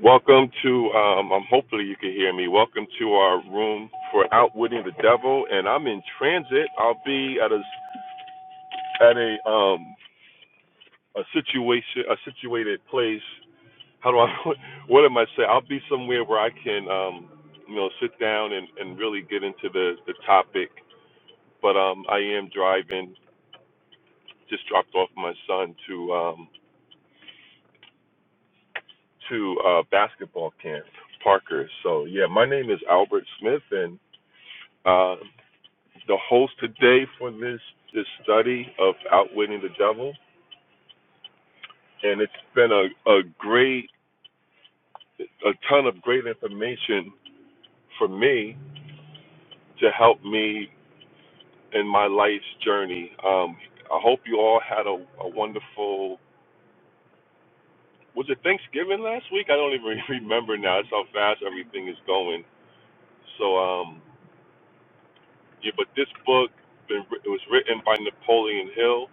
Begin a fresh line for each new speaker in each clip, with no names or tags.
Welcome to, um, um, hopefully you can hear me. Welcome to our room for outwitting the devil, and I'm in transit. I'll be at a at a um a situation a situated place. How do I what am I saying? I'll be somewhere where I can um you know sit down and and really get into the the topic. But um I am driving. Just dropped off my son to um to uh basketball camp Parker. So yeah, my name is Albert Smith and. Uh, the host today for this this study of outwitting the devil, and it's been a, a great a ton of great information for me to help me in my life's journey. Um, I hope you all had a, a wonderful was it Thanksgiving last week? I don't even remember now. That's how fast everything is going. So um, yeah, but this book been, writ- it was written by Napoleon Hill,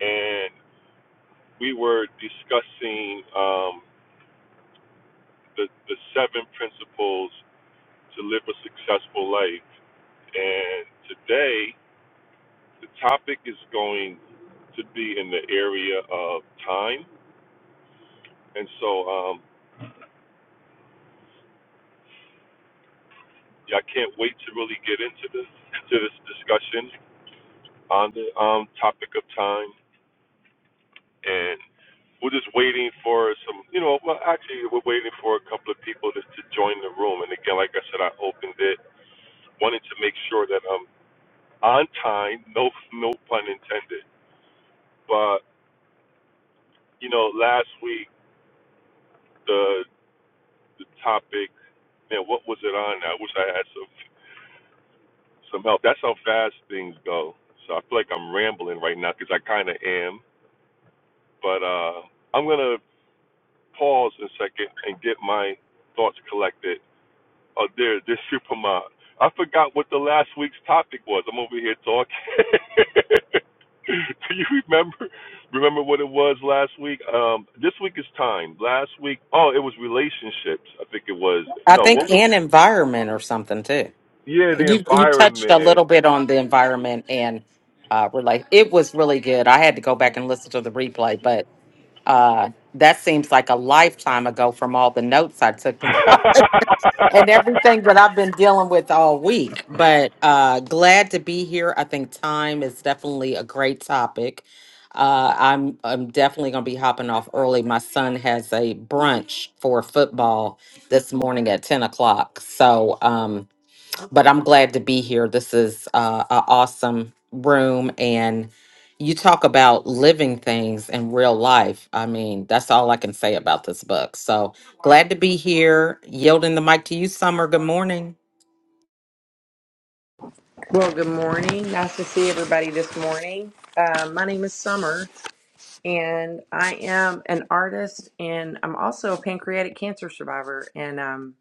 and we were discussing. um. the, the seven principles to live a successful life. And today, the topic is going to be in the area of time. And so, um, yeah, I can't wait to really get into this to this discussion on the um, topic of time. And we're just waiting for some, you know, well, actually, we're waiting for a couple of people to, to join the room. And again, like I said, I opened it, wanted to make sure that I'm on time. No, no pun intended But you know, last week the the topic, man, what was it on? I wish I had some some help. That's how fast things go. So I feel like I'm rambling right now because I kind of am. But uh, I'm gonna pause a second and get my thoughts collected Oh, there, this superman. I forgot what the last week's topic was. I'm over here talking. Do you remember? Remember what it was last week? Um, this week is time. Last week, oh, it was relationships. I think it was.
I
No,
think
what was?
and environment or something too.
Yeah, the
You you touched a
environment.
little bit on the environment and uh relate. It was really good. I had to go back and listen to the replay, but uh that seems like a lifetime ago from all the notes I took. and everything that I've been dealing with all week. But uh, glad to be here. I think time is definitely a great topic. Uh, I'm I'm definitely gonna be hopping off early. My son has a brunch for football this morning at ten o'clock. So. Um, but I'm glad to be here. This is uh, an awesome room, and you talk about living things in real life. I mean, that's all I can say about this book. So glad to be here. Yielding the mic to you, Summer. Good morning.
Well, good morning. Nice to see everybody this morning. Uh, my name is Summer, and I am an artist, and I'm also a pancreatic cancer survivor. And um,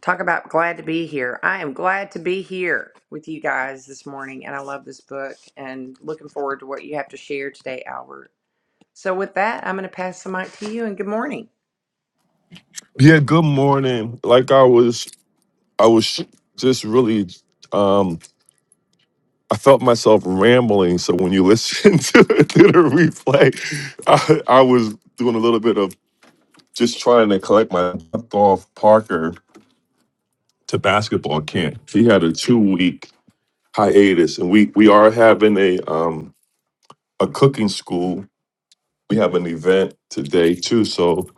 talk about glad to be here. I am glad to be here with you guys this morning, and I love this book and looking forward to what you have to share today, Albert. So, with that, I'm going to pass the mic to you, and good morning.
Yeah, good morning. Like I was I was just really I felt myself rambling. So when you listen to, to the replay, I, I was doing a little bit of just trying to collect my butt off Parker to basketball camp. He had a two week hiatus, and we we are having a um a cooking school. We have an event today too. So,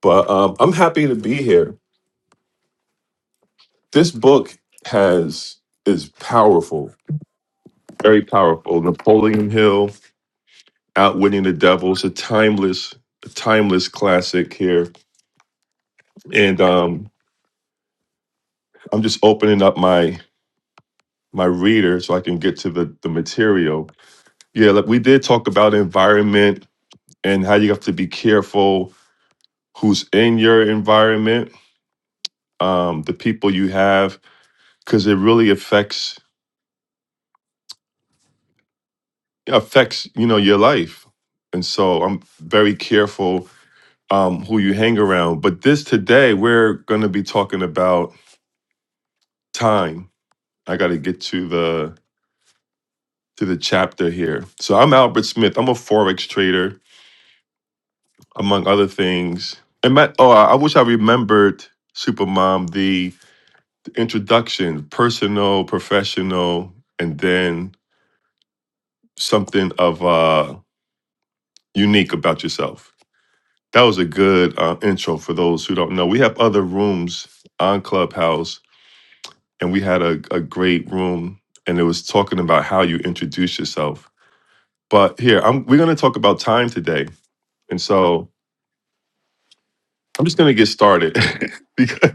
but um, I'm happy to be here. This book has is powerful, very powerful. Napoleon Hill Outwitting the Devil. It's a timeless, a timeless classic here. And um, I'm just opening up my my reader so I can get to the the material. Yeah, like we did talk about environment and how you have to be careful who's in your environment, um, the people you have, because it really affects affects you know your life. And so I'm very careful um, who you hang around. But this today, we're going to be talking about time I got to get to the to the chapter here. So I'm Albert Smith. I'm a forex trader, among other things. And my, oh, I I wish I remembered Supermom the, the introduction, personal, professional, and then something of uh, unique about yourself. That was a good uh, intro for those who don't know. We have other rooms on Clubhouse, and we had a, a great room, and it was talking about how you introduce yourself. But here, I'm, we're going to talk about time today And so I'm just going to get started because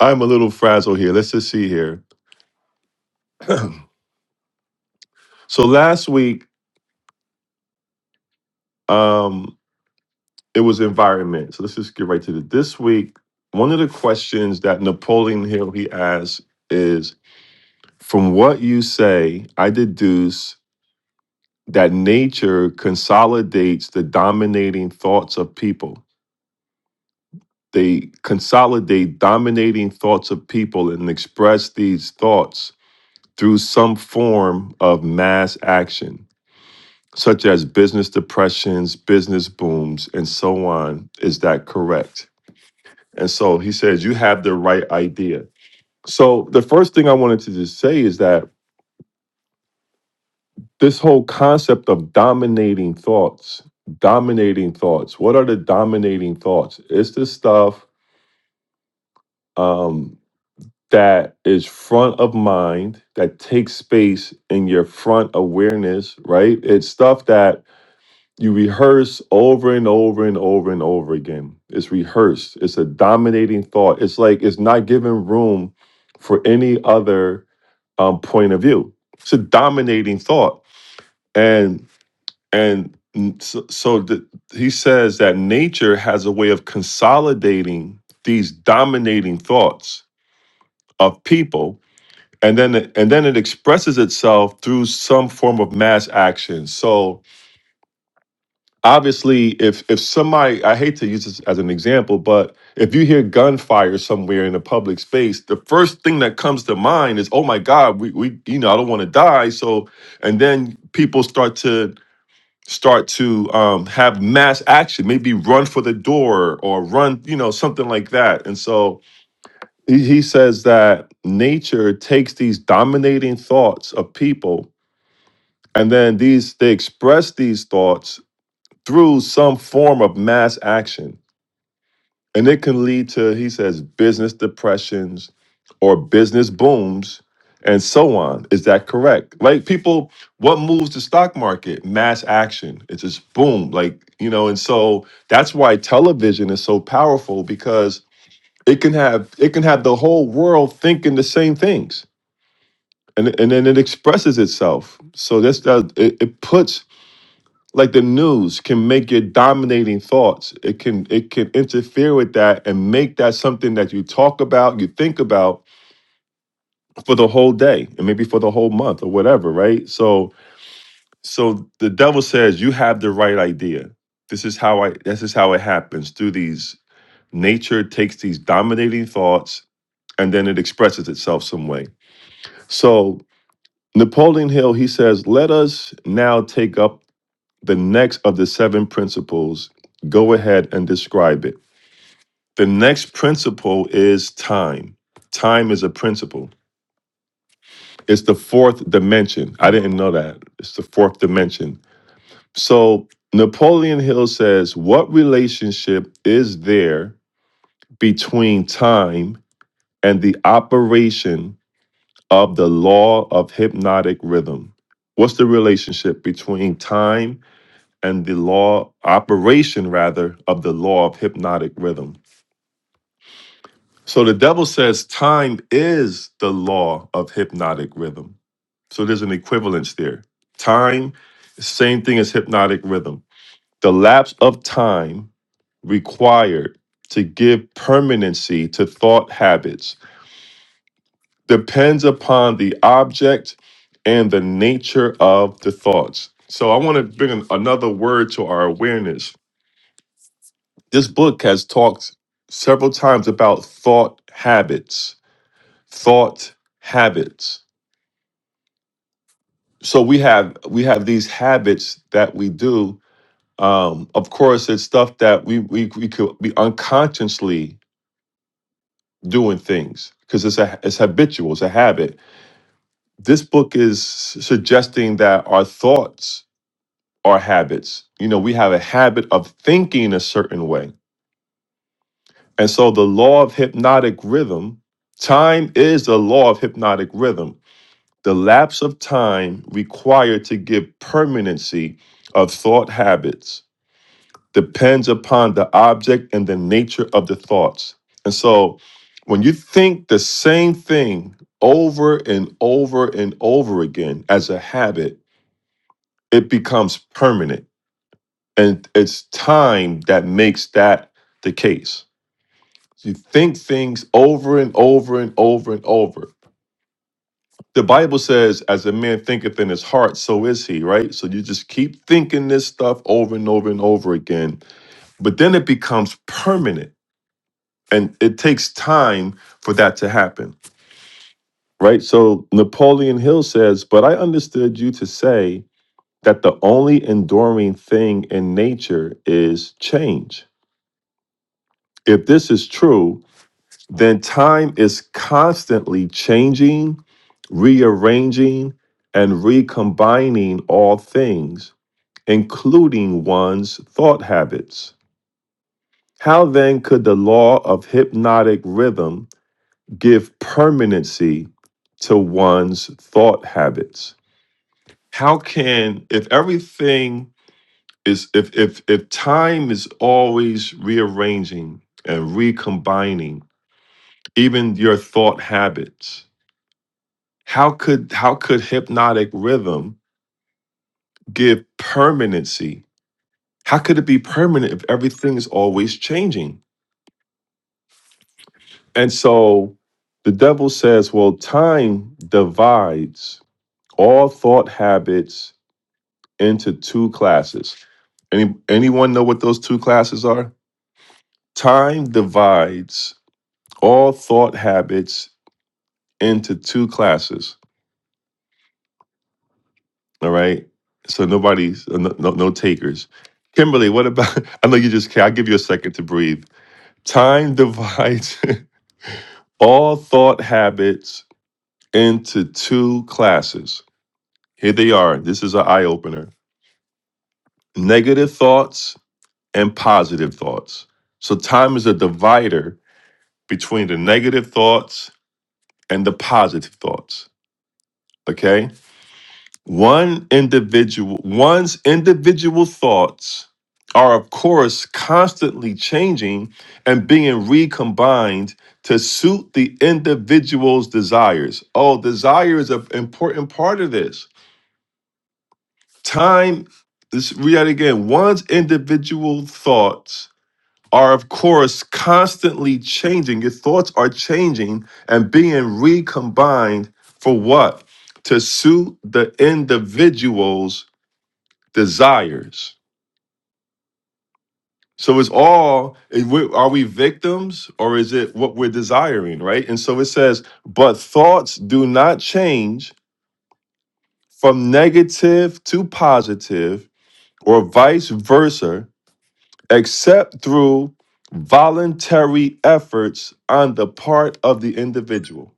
I'm a little frazzled here. Let's just see here. So last week, um, it was environment. So let's just get right to it. This week, one of the questions that Napoleon Hill he asks is from what you say, I deduce that nature consolidates the dominating thoughts of people. They consolidate dominating thoughts of people and express these thoughts through some form of mass action, such as business depressions, business booms, and so on. Is that correct? And so he says, you have the right idea. So the first thing I wanted to just say is that this whole concept of dominating thoughts, dominating thoughts, what are the dominating thoughts? It's the stuff um, that is front of mind, that takes space in your front awareness, right? It's stuff that You rehearse over and over and over and over again. It's rehearsed. It's a dominating thought. It's like it's not giving room for any other um, point of view. It's a dominating thought, and and mm, so, so the, he says that nature has a way of consolidating these dominating thoughts of people, and then and then it expresses itself through some form of mass action. So obviously if if somebody i hate to use this as an example but if you hear gunfire somewhere in a public space the first thing that comes to mind is oh my god we, we you know i don't want to die so and then people start to start to um, have mass action maybe run for the door or run you know something like that and so he, he says that nature takes these dominating thoughts of people and then these they express these thoughts through some form of mass action. And it can lead to, he says, business depressions or business booms and so on. Is that correct? Like, people, what moves the stock market? Mass action. It's just boom. Like, you know, and so that's why television is so powerful because it can have it can have the whole world thinking the same things and and then it expresses itself so that's that it, it puts like the news can make your dominating thoughts it can it can interfere with that and make that something that you talk about you think about for the whole day and maybe for the whole month or whatever right so so the devil says you have the right idea this is how i this is how it happens through these nature takes these dominating thoughts and then it expresses itself some way so napoleon hill he says let us now take up the next of the seven principles, go ahead and describe it. The next principle is time. Time is a principle. It's the fourth dimension. I didn't know that. It's the fourth dimension. So Napoleon Hill says, What relationship is there between time and the operation of the law of hypnotic rhythm? What's the relationship between time and the law operation rather of the law of hypnotic rhythm so the devil says time is the law of hypnotic rhythm so there's an equivalence there time same thing as hypnotic rhythm the lapse of time required to give permanency to thought habits depends upon the object and the nature of the thoughts so i want to bring an- another word to our awareness This book has talked several times about thought habits, thought habits. So we have we have these habits that we do. Um, of course, it's stuff that we we we could be unconsciously doing things because it's a it's habitual, it's a habit. This book is suggesting that our thoughts are habits. You know, we have a habit of thinking a certain way And so the law of hypnotic rhythm, time is the law of hypnotic rhythm. The lapse of time required to give permanency of thought habits depends upon the object and the nature of the thoughts. And so when you think the same thing over and over and over again as a habit, it becomes permanent. And it's time that makes that the case. You think things over and over and over and over. The Bible says, as a man thinketh in his heart, so is he, right? So you just keep thinking this stuff over and over and over again. But then it becomes permanent and it takes time for that to happen, right? So Napoleon Hill says, But I understood you to say that the only enduring thing in nature is change. If this is true, then time is constantly changing rearranging and recombining all things, including one's thought habits. How then could the law of hypnotic rhythm give permanency to one's thought habits? How can, if everything is, if, if, if time is always rearranging and recombining, even your thought habits, how could, how could hypnotic rhythm give permanency How could it be permanent if everything is always changing? And so the devil says, well, time divides all thought habits into two classes. Any, anyone know what those two classes are? Time divides all thought habits into two classes. All right. So nobody's, no, no, no takers. Kimberly, what about? I know you just can't. I'll give you a second to breathe. Time divides all thought habits into two classes. Here they are. This is an eye opener negative thoughts and positive thoughts. So, time is a divider between the negative thoughts and the positive thoughts. Okay. One individual, one's individual thoughts are, of course, constantly changing and being recombined to suit the individual's desires. Oh, desire is an important part of this Time, let's read that again. One's individual thoughts are, of course, constantly changing. Your thoughts are changing and being recombined for what? To suit the individual's desires. So it's all, it- we- are we victims or is it what we're desiring, right? And so it says, but thoughts do not change from negative to positive or vice versa except through voluntary efforts on the part of the individual.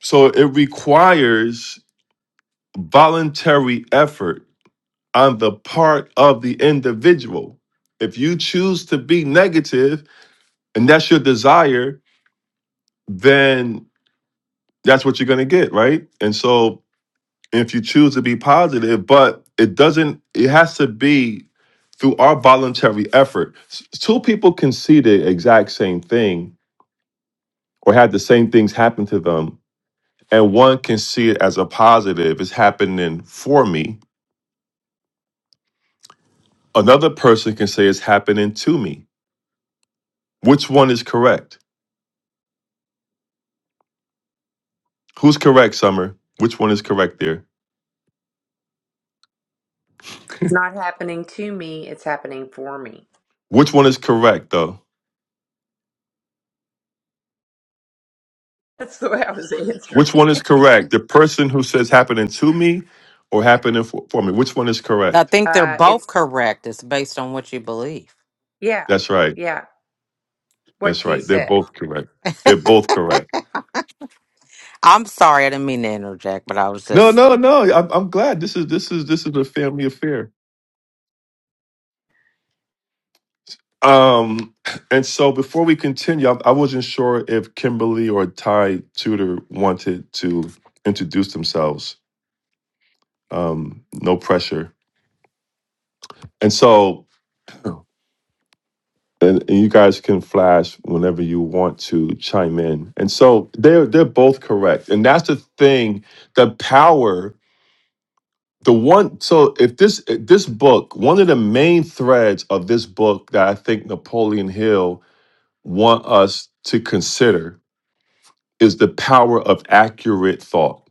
So it requires voluntary effort on the part of the individual. If you choose to be negative and that's your desire, then that's what you're going to get, right? And so if you choose to be positive, but it doesn't, it has to be through our voluntary effort. S- Two people can see the exact thing or had the same things happen to them it as a positive is having me, another me. Which who's correct, Summer? Which one is correct there?
It's not happening to me, it's happening for me.
Which one is correct though?
That's the way I was answering.
Which one is correct? The person who says happening to me or happening for, for me? Which one is
I
correct?
think they're
uh,
both
it's,
correct. It's based on what you believe.
yeah,
That's right.
yeah, what
That's
she
right. They're
said.
both correct. They're both correct.
I'm sorry, I didn't mean to interject, but I was
No,
just
no, no. I'm, I'm glad this is this is this is a family affair. Um, and so before we continue, I, I wasn't sure if Kimberly or Ty Tudor wanted to introduce themselves. um, no pressure. And so, and, and you guys can flash whenever you want to chime in. And so they're they're both correct, and that's the thing. The power, the one. So if this this book, one of the main threads of this book that I think Napoleon Hill want us to consider is the power of accurate thought,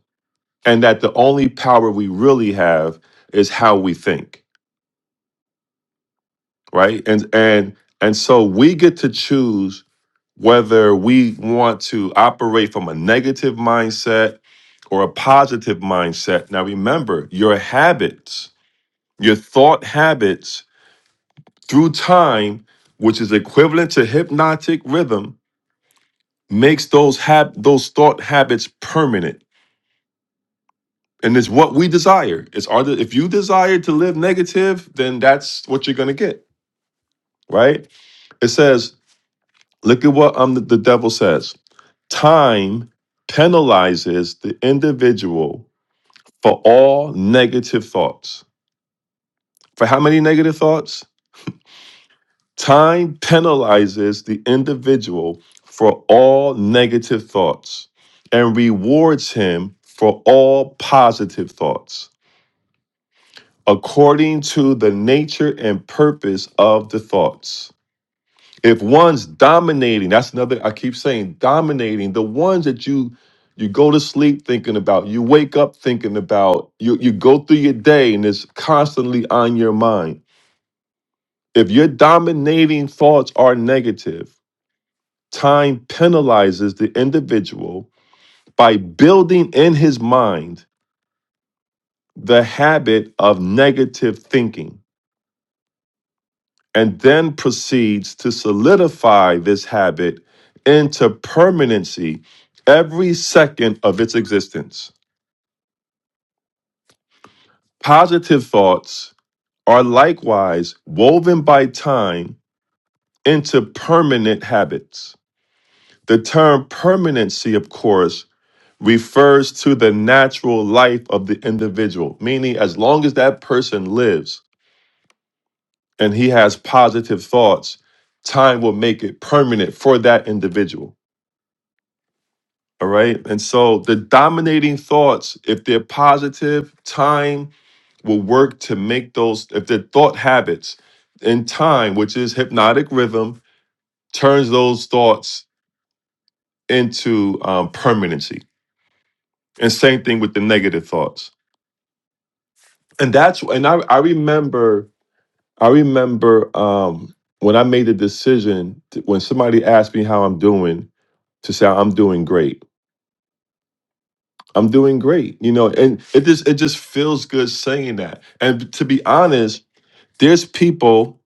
and that the only power we really have is how we think, right? And and and so we get to choose whether we want to operate from a negative mindset or a positive mindset. Now, remember, your habits, your thought habits through time, which is equivalent to hypnotic rhythm, makes those hab- those thought habits permanent. And it's what we desire. It's our de- if you desire to live negative, then that's what you're gonna get, right? It says, look at what um, the the devil says. Time penalizes the individual for all negative thoughts. For how many negative thoughts? Time penalizes the individual for all negative thoughts and rewards him for all positive thoughts, according to the nature and purpose of the thoughts. If one's dominating, that's another I keep saying, dominating the ones that you you go to sleep thinking about, you wake up thinking about, you you go through your day and it's constantly on your mind If your dominating thoughts are negative, time penalizes the individual by building in his mind the habit of negative thinking and then proceeds to solidify this habit into permanency every second of its existence. Positive thoughts are likewise woven by time into permanent habits. The term permanency, of course, refers to the natural life of the individual, meaning, as long as that person lives and he has positive thoughts, time will make it permanent for that individual. All right. And so the dominating thoughts, if they're positive, time will work to make those, if the thought habits in time, which is hypnotic rhythm, turns those thoughts into um, permanency. And same thing with the negative thoughts. And that's, and I, I remember I remember um, when I made the decision, to, when somebody asked me how I'm doing, to say I'm doing great. I'm doing great, you know, and it just it just feels good saying that. And to be honest, there's people.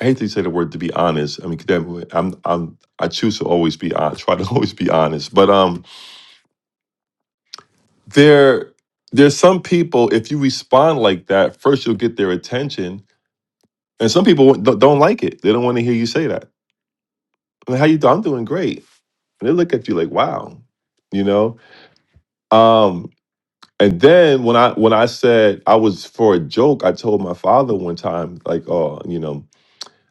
I hate to say the word to be honest. I mean, 'cause that- I'm I'm I choose to always be honest. Try to always be honest, but um, there there's some people. If you respond like that, first you'll get their attention, and some people don't don't like it. They don't want to hear you say that. Like, how you doing? I'm doing great. And they look at you like, wow, you know? Um, and then when I when I said I was for a joke, I told my father one time, like, oh, you know,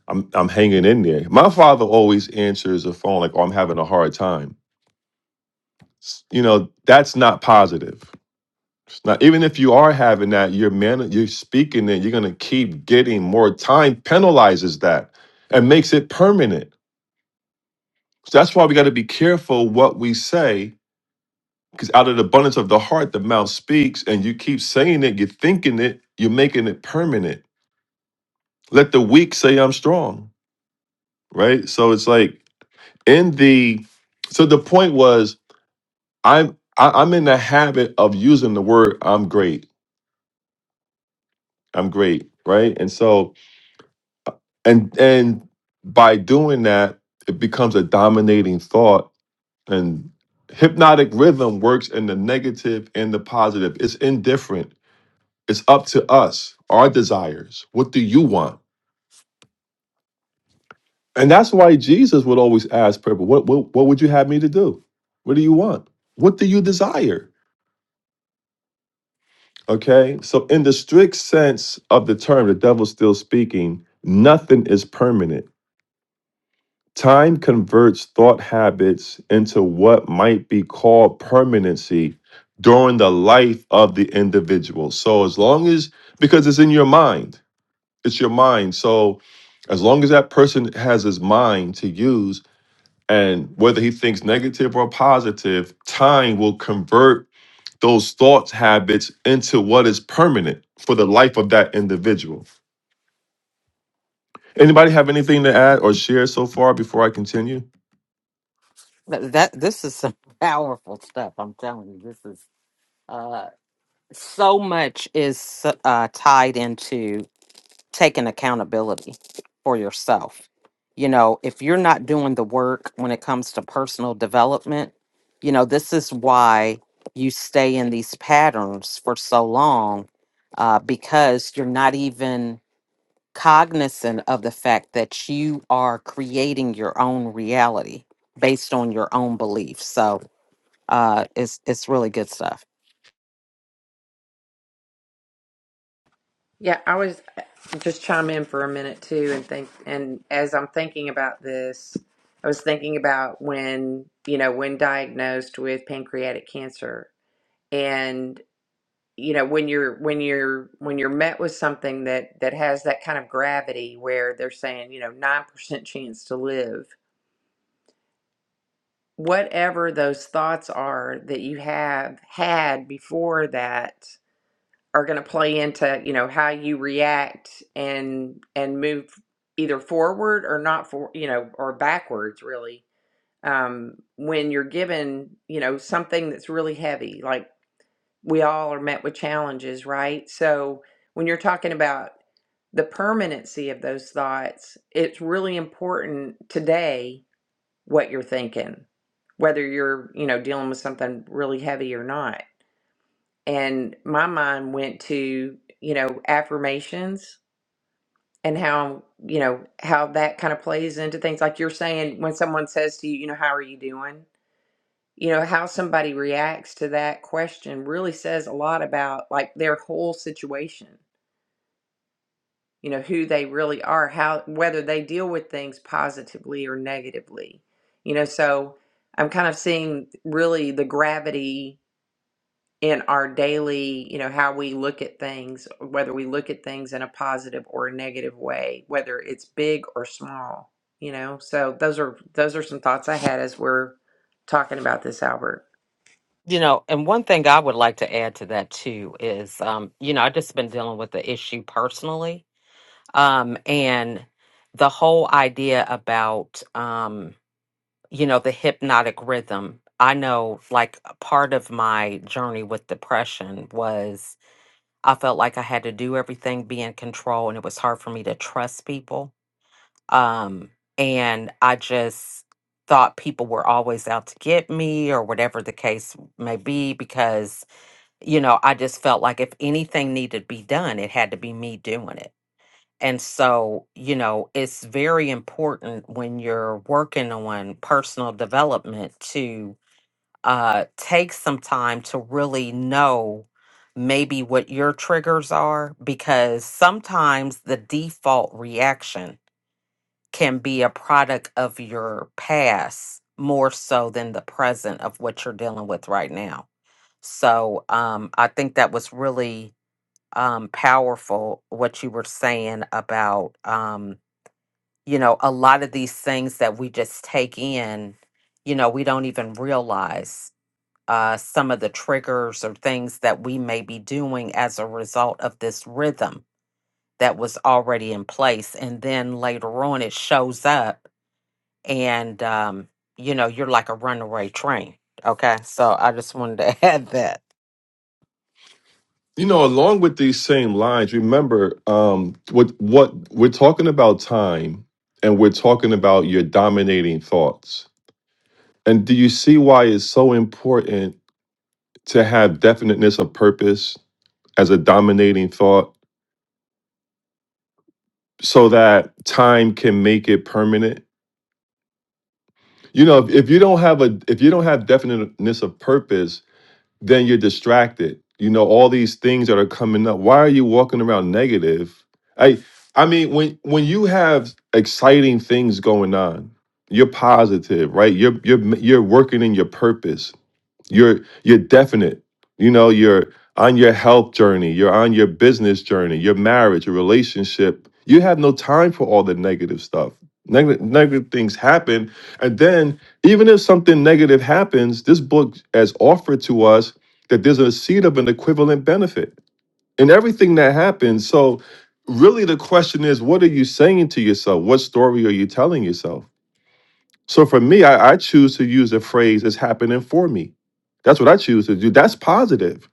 I'm I'm hanging in there. My father always answers the phone like, oh, I'm having a hard time. S- You know, that's not positive. It's not even if you are having that, you're man, you're speaking it, you're gonna keep getting more time, penalizes that and makes it permanent. So that's why we gotta be careful what we say Because out of the abundance of the heart, the mouth speaks, and you keep saying it, you're thinking it, you're making it permanent. Let the weak say I'm strong, right? So it's like in the so the point was I'm I, I'm in the habit of using the word I'm great, I'm great, right? And so and and by doing that, it becomes a dominating thought. And hypnotic rhythm works in the negative and the positive. It's indifferent It's up to us, our desires. What do you want? And that's why Jesus would always ask people, what, what, what would you have me to do? What do you want? What do you desire? Okay. So, in the strict sense of the term, the devil's still speaking, nothing is permanent. Time converts thought habits into what might be called permanency during the life of the individual. So, as long as, because it's in your mind, it's your mind. So as long as that person has his mind to use and whether he thinks negative or positive, time will convert those thoughts habits into what is permanent for the life of that individual. Anybody have anything to add or share so far before I continue?
that that- this is some powerful stuff. I'm telling you, this is uh so much is uh tied into. taking accountability for yourself. You know, if you're not doing the work when it comes to personal development, you know, this is why you stay in these patterns for so long uh, because you're not even cognizant of the fact that you are creating your own reality based on your own beliefs. So uh, it's it's really good stuff.
Yeah, I was uh, just chime in for a minute too, and think. And as I'm thinking about this, I was thinking about when you know when diagnosed with pancreatic cancer, and you know when you're when you're when you're met with something that that has that kind of gravity, where they're saying you know nine percent chance to live. Whatever those thoughts are that you have had before that are going to play into you know how you react and and move either forward or not for you know or backwards really um when you're given you know something that's really heavy like we all are met with challenges right so when you're talking about the permanency of those thoughts it's really important today what you're thinking whether you're you know dealing with something really heavy or not and my mind went to you know affirmations and how you know how that kind of plays into things like you're saying when someone says to you you know how are you doing you know how somebody reacts to that question really says a lot about like their whole situation you know who they really are how whether they deal with things positively or negatively you know so i'm kind of seeing really the gravity in our daily, you know, how we look at things, whether we look at things in a positive or a negative way, whether it's big or small, you know. So those are those are some thoughts I had as we're talking about this, Albert.
You know, and one thing I would like to add to that too is, um, you know, I've just been dealing with the issue personally. Um, and the whole idea about, um, you know, the hypnotic rhythm. I know, like, a part of my journey with depression was I felt like I had to do everything, be in control, and it was hard for me to trust people. Um, and I just thought people were always out to get me or whatever the case may be because you know, I just felt like if anything needed to be done, it had to be me doing it. And so, you know, it's very important when you're working on personal development to uh, take some time to really know maybe what your triggers are, because sometimes the default reaction can be a product of your past more so than the present of what you're dealing with right now. So um, I think that was really um, powerful what you were saying about, um, you know, a lot of these things that we just take in, you know, we don't even realize uh, some of the triggers or things that we may be doing as a result of this rhythm that was already in place. And then later on, it shows up and, um, you know, you're like a runaway train. Okay. So I just wanted to add that.
You know, along with these same lines, remember um what what we're talking about time and we're talking about your dominating thoughts. And do you see why it's so important to have definiteness of purpose as a dominating thought so that time can make it permanent you know if, if you don't have a if you don't have definiteness of purpose then you're distracted you know all these things that are coming up why are you walking around negative i i mean when when you have exciting things going on you're positive right you're you're you're working in your purpose You're you're definite. You know, you're on your health journey, you're on your business journey, your marriage, your relationship. You have no time for all the negative stuff. Negative, negative things happen. And then, even if something negative happens, this book has offered to us that there's a seed of an equivalent benefit in everything that happens. So, really, the question is what are you saying to yourself? What story are you telling yourself? So for me, I, I choose to use the phrase "it's happening for me." That's what I choose to do. That's positive.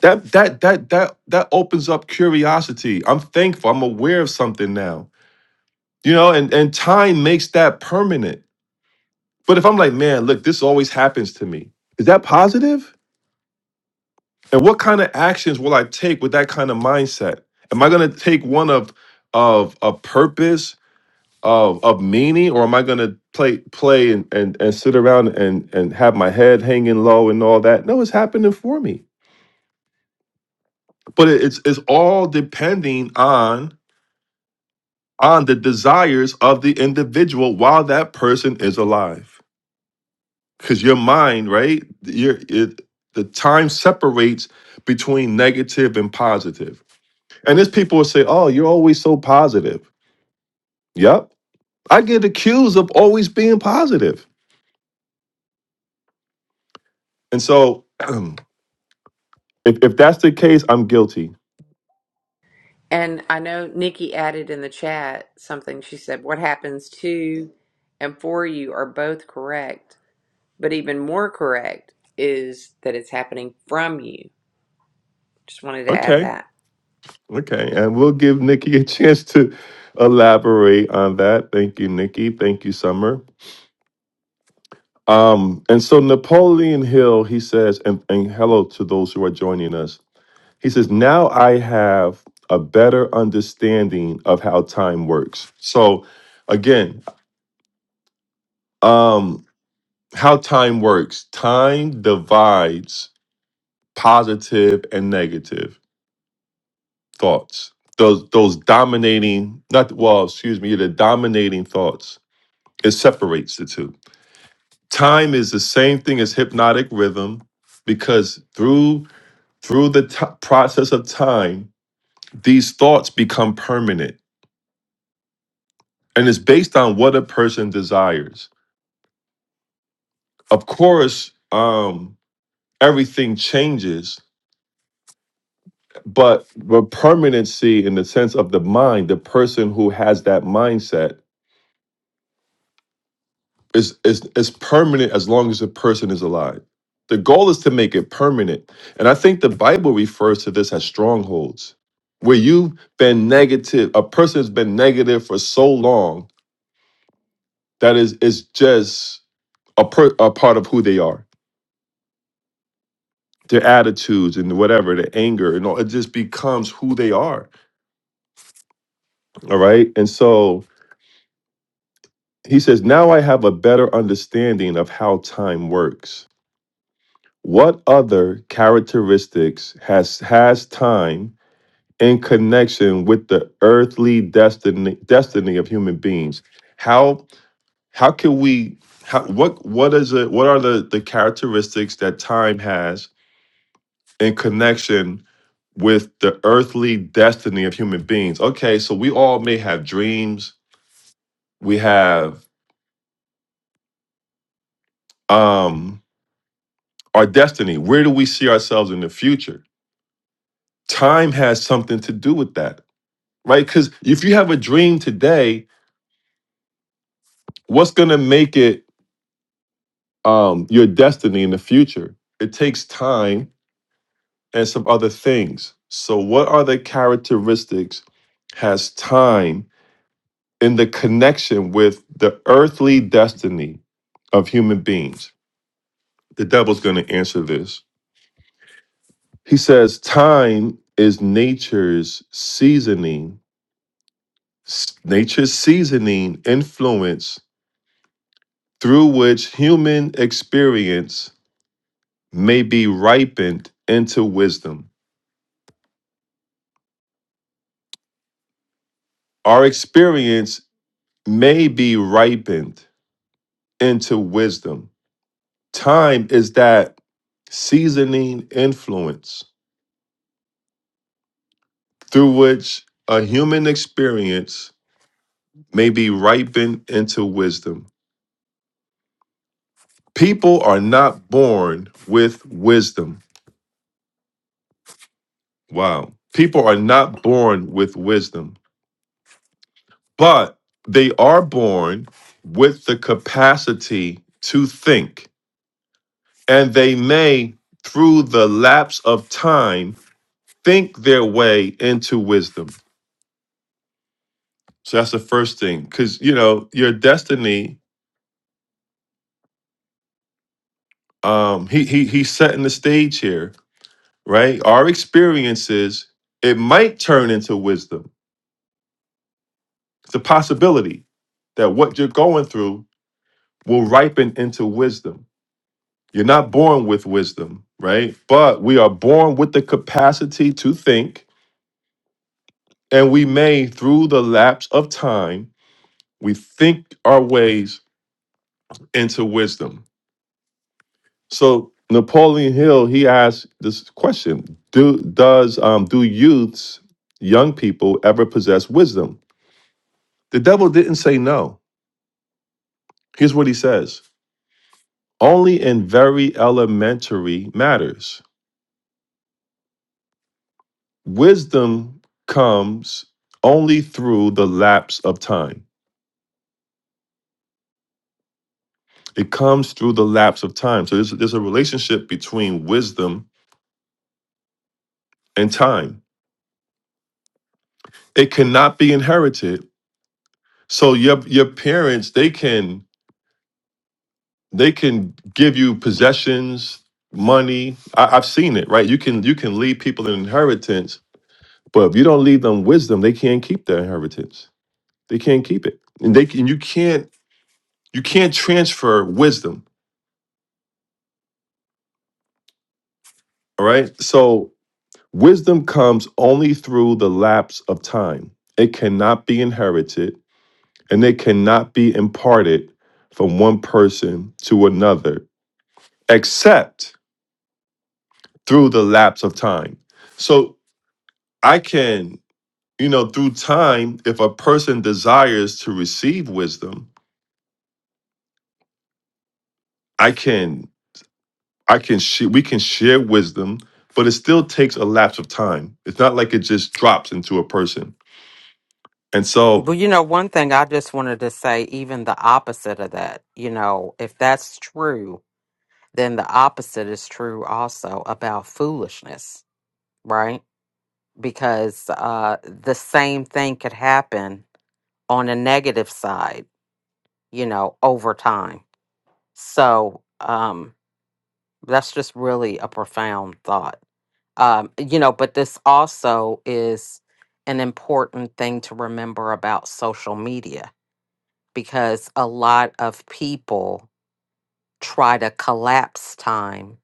That that that that that opens up curiosity. I'm thankful. I'm aware of something now. You know, and and time makes that permanent. But if I'm like, man, look, this always happens to me. Is that positive? And what kind of actions will I take with that kind of mindset? Am I going to take one of of a purpose of of meaning or am I gonna play play and, and, and sit around and, and have my head hanging low and all that? No, it's happening for me. But it, it's it's on on life. Cause your mind, right? Your it the time separates between negative and positive, And there's people who say, Oh, you're always so positive. Yep. I get accused of always being positive, And so if, if that's the case, I'm guilty.
And I know Nikki added in the chat something. She said, "What happens to and for you are both correct, but even more correct is that it's happening from you." Just wanted to add
Okay
that.
Okay, and we'll give Nikki a chance to elaborate on that. Thank you, Nikki. Thank you, Summer. Um, and so Napoleon Hill, he says, and, and hello to those who are joining us. He says, now I have a better understanding of how time works. So again, um, how time works. Time divides positive and negative thoughts. Those those dominating, not well, excuse me, the dominating thoughts It separates the two. Time is the same thing as hypnotic rhythm because through through the t- process of time, these thoughts become permanent and it's based on what a person desires. Of course, um everything changes, but the permanency in the sense of the mind, the person who has that mindset It's, it's, it's permanent as long as the person is alive. The goal is to make it permanent. And I think the Bible refers to this as strongholds, where you've been negative, a person has been negative for so long that is it's just a, per, a part of who they are. Their attitudes and whatever, their anger, and all, it just becomes who they are. All right. And so he says, Now I have a better understanding of how time works. What other characteristics has has time in connection with the earthly destiny destiny of human beings? How how can we how, what what is it what are the the characteristics that time has in connection with the earthly destiny of human beings? Okay, so we all may have dreams, we have um our destiny. Where do we see ourselves in the future? Time has something to do with that right? Because if you have a dream today, what's going to make it um, your destiny in the future? It takes time and some other things. So, what are the characteristics has time in the connection with the earthly destiny of human beings? The devil's going to answer this. He says, Time is nature's seasoning, s- nature's seasoning influence through which human experience may be ripened into wisdom. Our experience may be ripened into wisdom. Time is that seasoning influence through which a human experience may be ripened into wisdom. People are not born with wisdom. Wow. People are not born with wisdom, but they are born with the capacity to think. and they may, through the lapse of time, think their way into wisdom. So that's the first thing, because you know your destiny. Um, he he he's setting the stage here, right? Our experiences it might turn into wisdom. It's a possibility that what you're going through will ripen into wisdom. You're not born with wisdom, right? But we are born with the capacity to think, and we may, through the lapse of time, We think our ways into wisdom. So Napoleon Hill he asked this question: Do does um, do youths, young people, ever possess wisdom? The devil didn't say no. Here's what he says: Only in very elementary matters. Wisdom comes only through the lapse of time. It comes through the lapse of time. So there's, there's a relationship between wisdom and time. It cannot be inherited. So instead They can give you possessions, money. I, I've seen lead people in this, but wisdom they can't keep their inheritance. They can't keep it, and they can. You can't. You can't transfer wisdom. All right. So wisdom comes only through the lapse of time. It cannot be inherited, and it cannot be imparted from one person to another, except through the lapse of time. So I can you know through time if a person desires to receive wisdom i can i can sh- we can share wisdom but it still takes a lapse of time it's not like it just drops into a person and so
Well, you know, one thing I just wanted to say, even the opposite of that, you know, if that's true, then the opposite is true also about foolishness, right? Because uh, the same thing could happen on a negative side, you know, over time. So um, that's just really a profound thought, um, you know, but this also is an important thing to remember about social media because a lot of people try to collapse time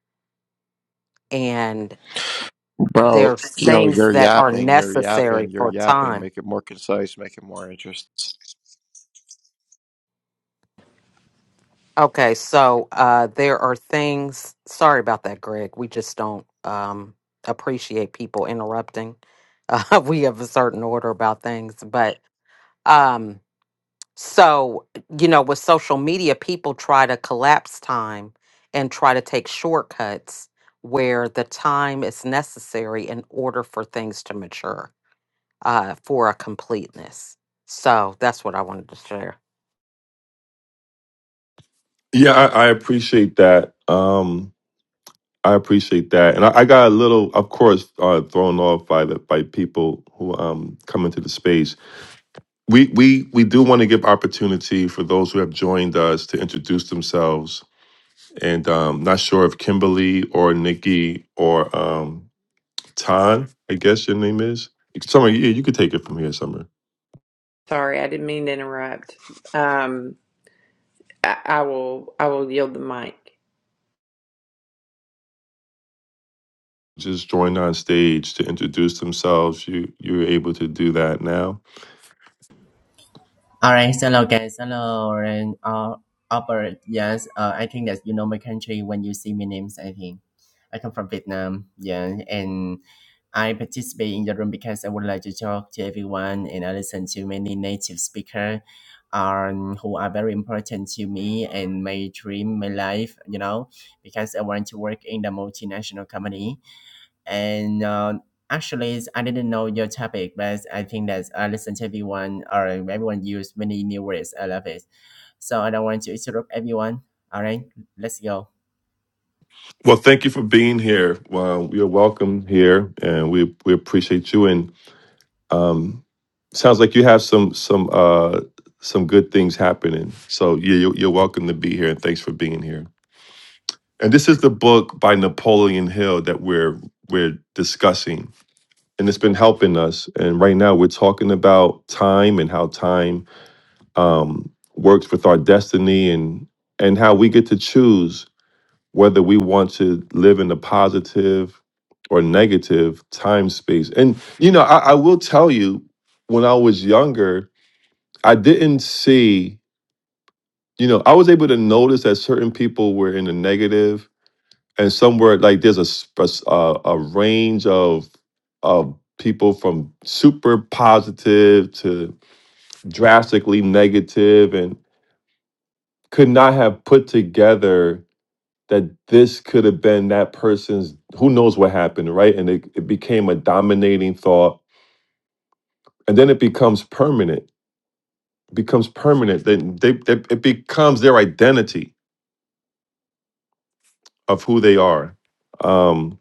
and
Bro,
there's
yo,
things
you're
that are
yapping, you're
necessary
yapping, you're
for
yapping.
time.
Make it more concise, make it more interesting.
Okay, so uh there are things sorry about that Greg. We just don't um appreciate people interrupting. Uh, we have a certain order about things, but um, So, you know, with social media, people try to collapse time and try to take shortcuts where the time is necessary in order for things to mature uh, for a completeness. So that's what I wanted to share.
yeah i, I appreciate that um i appreciate that and i, I got a little of course uh, thrown off by the by people who um come into the space we we we do want to give opportunity for those who have joined us to introduce themselves and um, not sure if Kimberly or Nikki or um, Tan, I guess your name is. Summer, yeah, you could take it from here, Summer.
Sorry, I didn't mean to interrupt. Um, I, I will I will yield the mic.
Just join on stage to introduce themselves. You you're able to do that now.
Alright, hello guys, hello and uh, Albert. Yes, uh, I think that you know my country when you see my names. I think I come from Vietnam. Yeah, and I participate in the room because I would like to talk to everyone and I listen to many native speaker, um, who are very important to me and my dream, my life. You know, because I want to work in the multinational company and uh, actually i didn't know your topic but i think that i listen to everyone or everyone use many new words i love it so i don't want to interrupt everyone all right let's go
Well, thank you for being here. Well, you're welcome here, and we we appreciate you. And um, sounds like you have some some uh some good things happening. So yeah, you're, you're welcome to be here, and thanks for being here. And this is the book by Napoleon Hill that we're we're discussing. And it's been helping us. And right now we're talking about time and how time um, works with our destiny and and how we get to choose whether we want to live in a positive or negative time space. And you know, I, I will tell you, when I was younger, I didn't see, you know, I was able to notice that certain people were in the negative and somewhere like there's a sp- range of of people from super positive to drastically negative and could not have put together that this could have been that person's who knows what happened right and it, it became a dominating thought and then it becomes permanent becomes permanent then they, they it becomes their identity of who they are Um,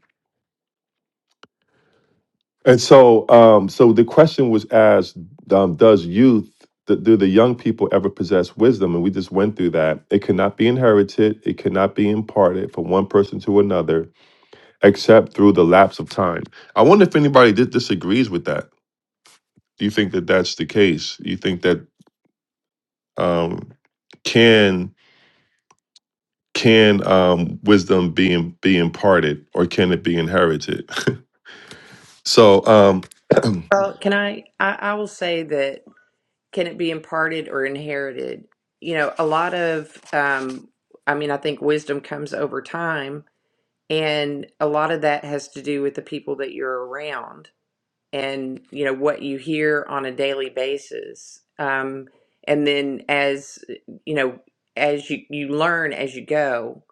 And so, um, so the question was asked: um, Does youth, th- do the young people ever possess wisdom? And we just went through that. It cannot be inherited. It cannot be imparted from one person to another, except through the lapse of time. I wonder if anybody di- disagrees with that. Do you think that that's the case? You think that um, can can um, wisdom be im- be imparted, or can it be inherited? So um,
Well, can I, I I will say that can it be imparted or inherited? You know, a lot of um I mean I think wisdom comes over time and a lot of that has to do with the people that you're around and you know what you hear on a daily basis. Um and then as you know as you you learn as you go.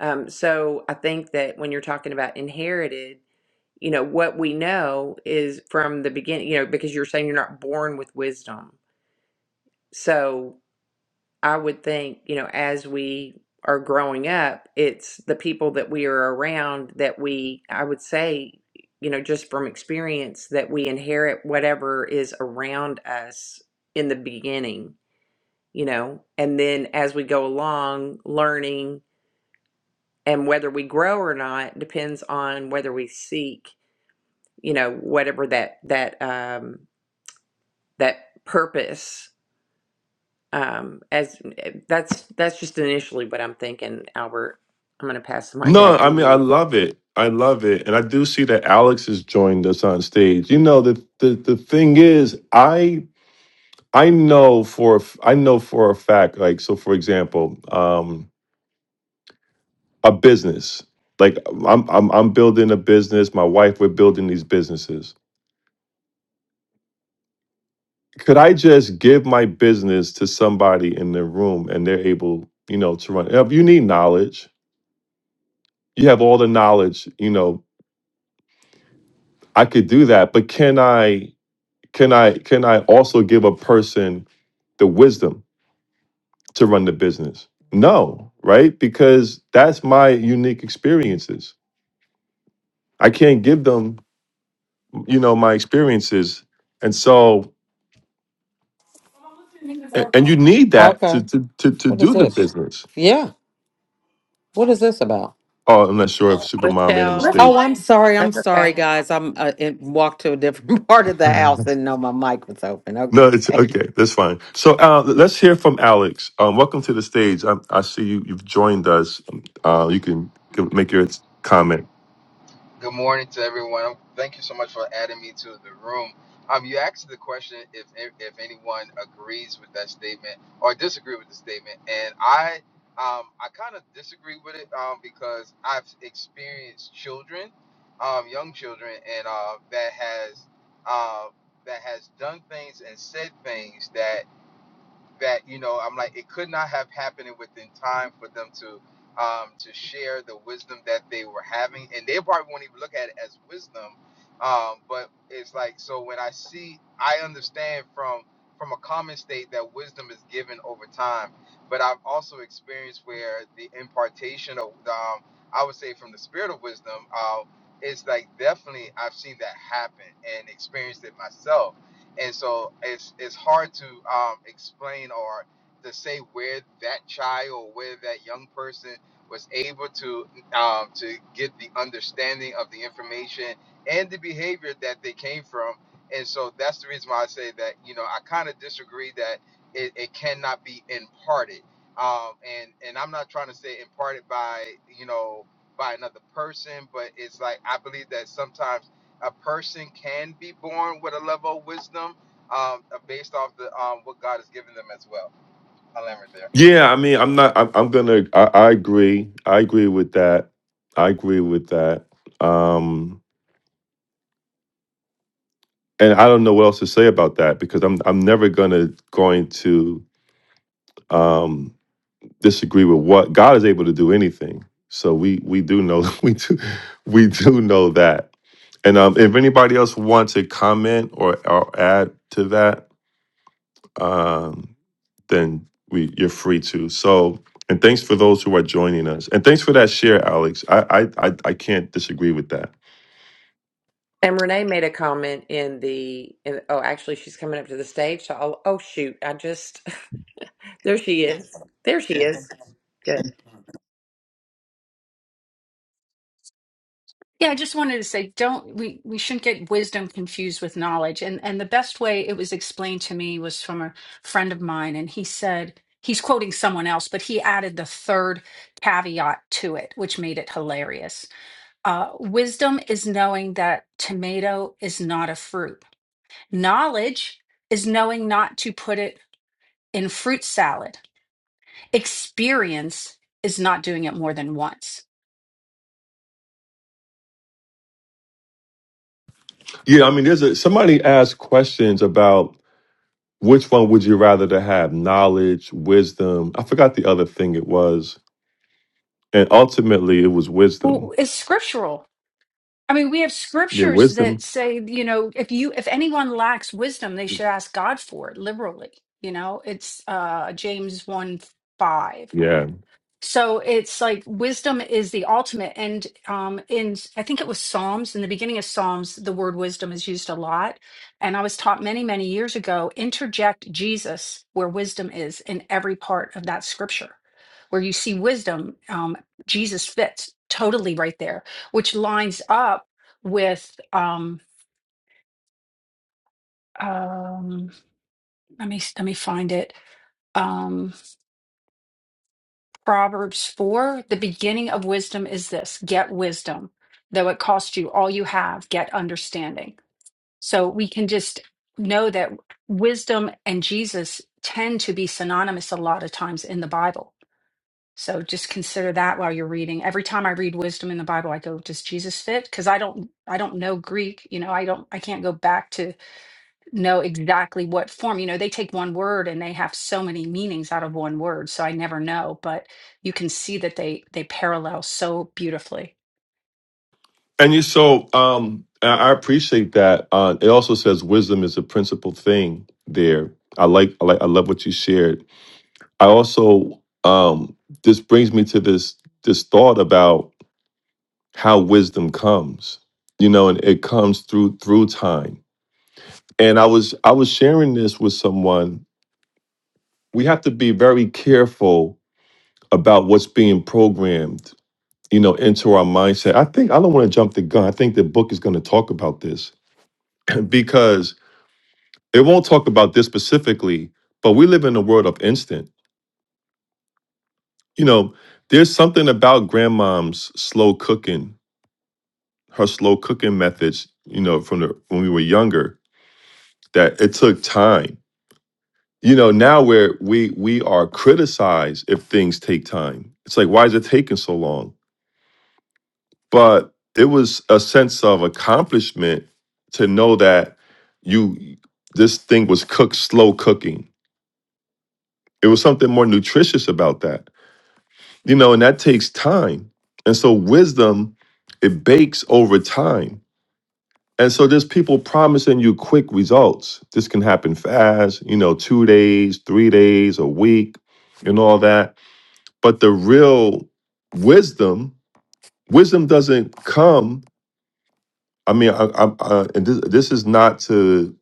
Um so I think that when you're talking about inherited you know what we know is from the beginning you know because you're saying you're not born with wisdom so i would think you know as we are growing up it's the people that we are around that we i would say you know just from experience that we inherit whatever is around us in the beginning you know and then as we go along learning and whether we grow or not depends on whether we seek you know whatever that that um that purpose um as that's that's just initially what i'm thinking albert i'm going to pass the mic
no,
back
I
to
mean I
you
love it. I love it, and I do see that Alex has joined us on stage. You know the the the thing is, I I know for a f- I know for a fact. Like so, for example, um, a business. Like I'm I'm I'm building a business. My wife, we're building these businesses. could I just give my business to somebody in the room and they're able, you know, to run? If you need knowledge, you have all the knowledge, you know, I could do that, but can I can I can I also give a person the wisdom to run the business? No, right? Because that's my unique experiences. I can't give them, you know, my experiences. And so a- and you need that to
Okay.
to to, to
What is
do the
this?
business.
Yeah. What is this about?
Oh, I'm not sure if Supermom made a
Oh, that's-
michelle
mistake.
Oh, I'm sorry. I'm
that's
sorry,
okay
guys. I'm uh, it walked to a different part of the house and know my mic was open. Okay.
No, it's okay. That's fine. So uh, let's hear from Alex. Um, welcome to the stage. I, I see you. You've joined us. Um, Uh, you can give, make your comment.
Good morning to everyone. Um, Thank you so much for adding me to the room. Um, you asked the question if if anyone agrees with that statement or disagree with the statement, and I um, I kind of disagree with it um, because I've experienced children, um, young children, and uh, that has uh, that has done things and said things that that you know I'm like it could not have happened within time for them to um, to share the wisdom that they were having, and they probably won't even look at it as wisdom. Um, but it's like so when I see, I understand from from a common state that wisdom is given over time, but I've also experienced where the impartation of um, I would say from the spirit of wisdom. Uh, it's like definitely I've seen that happen and experienced it myself and so it's it's hard to um, explain or to say where that child or where that young person was able to um, to get the understanding of the information and the behavior that they came from and so that's the reason why i say that you know i kind of disagree that it, it cannot be imparted um, and and i'm not trying to say imparted by you know by another person but it's like i believe that sometimes a person can be born with a level of wisdom um, uh, based off the um, what God has given them as well. I'll end right there.
Yeah, I mean, I'm not. I'm, I'm gonna. I, I agree. I agree with that. I agree with that. Um, and I don't know what else to say about that because I'm. I'm never gonna going to. Um, disagree with what God is able to do anything. So we we do know we do we do know that. And um, if anybody else wants to comment or, or add to that, um, then we you're free to. So and thanks for those who are joining us. And thanks for that share, Alex. I I I, I can't disagree with that.
and renee made a comment in the in, oh actually she's coming up to the stage so I'll, oh shoot i just there she is there she is good
Yeah, I just wanted to say, don't we we shouldn't get wisdom confused with knowledge. And and the best way it was explained to me was from a friend of mine, and he said he's quoting someone else, but he added the third caveat to it, which made it hilarious. Uh, wisdom is knowing that tomato is not a fruit. Knowledge is knowing not to put it in fruit salad. Experience is not doing it more than once.
Yeah, I mean, there's a somebody asked questions about Which one would you rather to have? Knowledge, wisdom. I forgot the other thing it was. And ultimately it was wisdom.
Well, it's scriptural. I mean, we have
Yeah,
scriptures
wisdom.
that say, you know, if you if anyone lacks wisdom, they should ask God for it liberally. You know, it's uh James 1 5.
Yeah.
So it's like wisdom is the ultimate. And um, in, I think it was Psalms, in the beginning of Psalms, the word wisdom is used a lot. And I was taught many, many years ago interject Jesus where wisdom is in every part of that scripture. Where you see wisdom, um, Jesus fits totally right there, which lines up with, um, um, let me let me find it. um, Proverbs 4, the beginning of wisdom is this get wisdom, though it cost you all you have, get understanding. So we can just know that wisdom and Jesus tend to be synonymous a lot of times in the Bible. So just consider that while you're reading. Every time I read wisdom in the Bible, I go, does Jesus fit? Because I don't I don't know Greek, you know, I don't I can't go back to know exactly what form. You know, they take one word and they have so many meanings out of one word, so I never know, but you can see that they they parallel so beautifully.
And you so um I I appreciate that. Uh it also says wisdom is a principal thing there. I like I like I love what you shared. I also um this brings me to this this thought about how wisdom comes. You know, and it comes through through time. And I was I was sharing this with someone we have to be very careful about what's being programmed you know into our mindset i think i don't want to jump the gun i think the book is going to talk about this because it won't talk about this specifically but we live in a world of instant you know there's something about grandmom's slow cooking her slow cooking methods you know from the when we were younger that it took time you know now where we we are criticized if things take time it's like why is it taking so long but it was a sense of accomplishment to know that you this thing was cooked slow cooking it was something more nutritious about that you know and that takes time and so wisdom it bakes over time and so there's people promising you quick results this can happen fast you know two days three days a week and all that but the real wisdom wisdom doesn't come I mean, I, I, I, and this, this is not to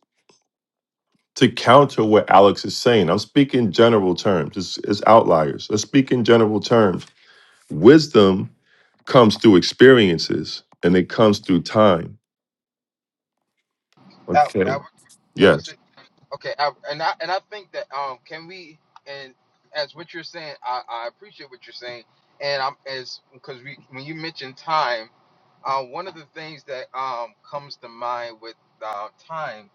to counter what Alex is saying. I'm speaking general terms. It's, it's outliers. Let's speak in general terms. Wisdom comes through experiences, and it comes through time.
Al-
Okay.
Albert, can I
Yes.
say? Okay, Al- and I and I think that um, can we and as what you're saying, I, I appreciate what you're saying, and I'm as because we when you mentioned time, uh, one of the things that um, comes to mind with uh, time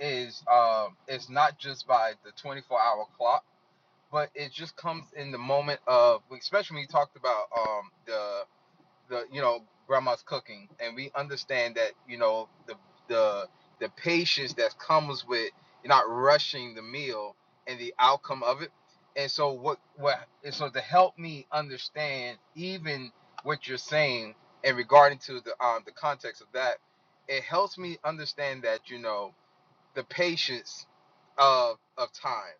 is um, it's not just by the 24 hour clock but it just comes in the moment of especially when you talked about um the the you know grandma's cooking and we understand that you know the the the patience that comes with not rushing the meal and the outcome of it and so what what and so to help me understand even what you're saying and regarding to the um the context of that it helps me understand that you know the patience of of time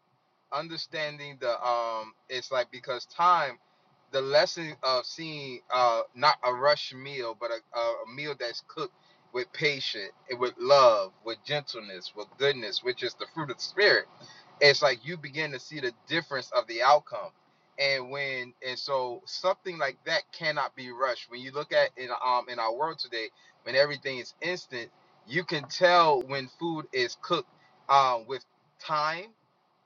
understanding the um it's like because time the lesson of seeing uh not a rush meal but a, a meal that's cooked with patience eh, with love with gentleness with goodness which is the fruit of the spirit it's like you begin to see the difference of the outcome and when and so something like that cannot be rushed when you look at in um in our world today when everything is instant you can tell when food is cooked um, with time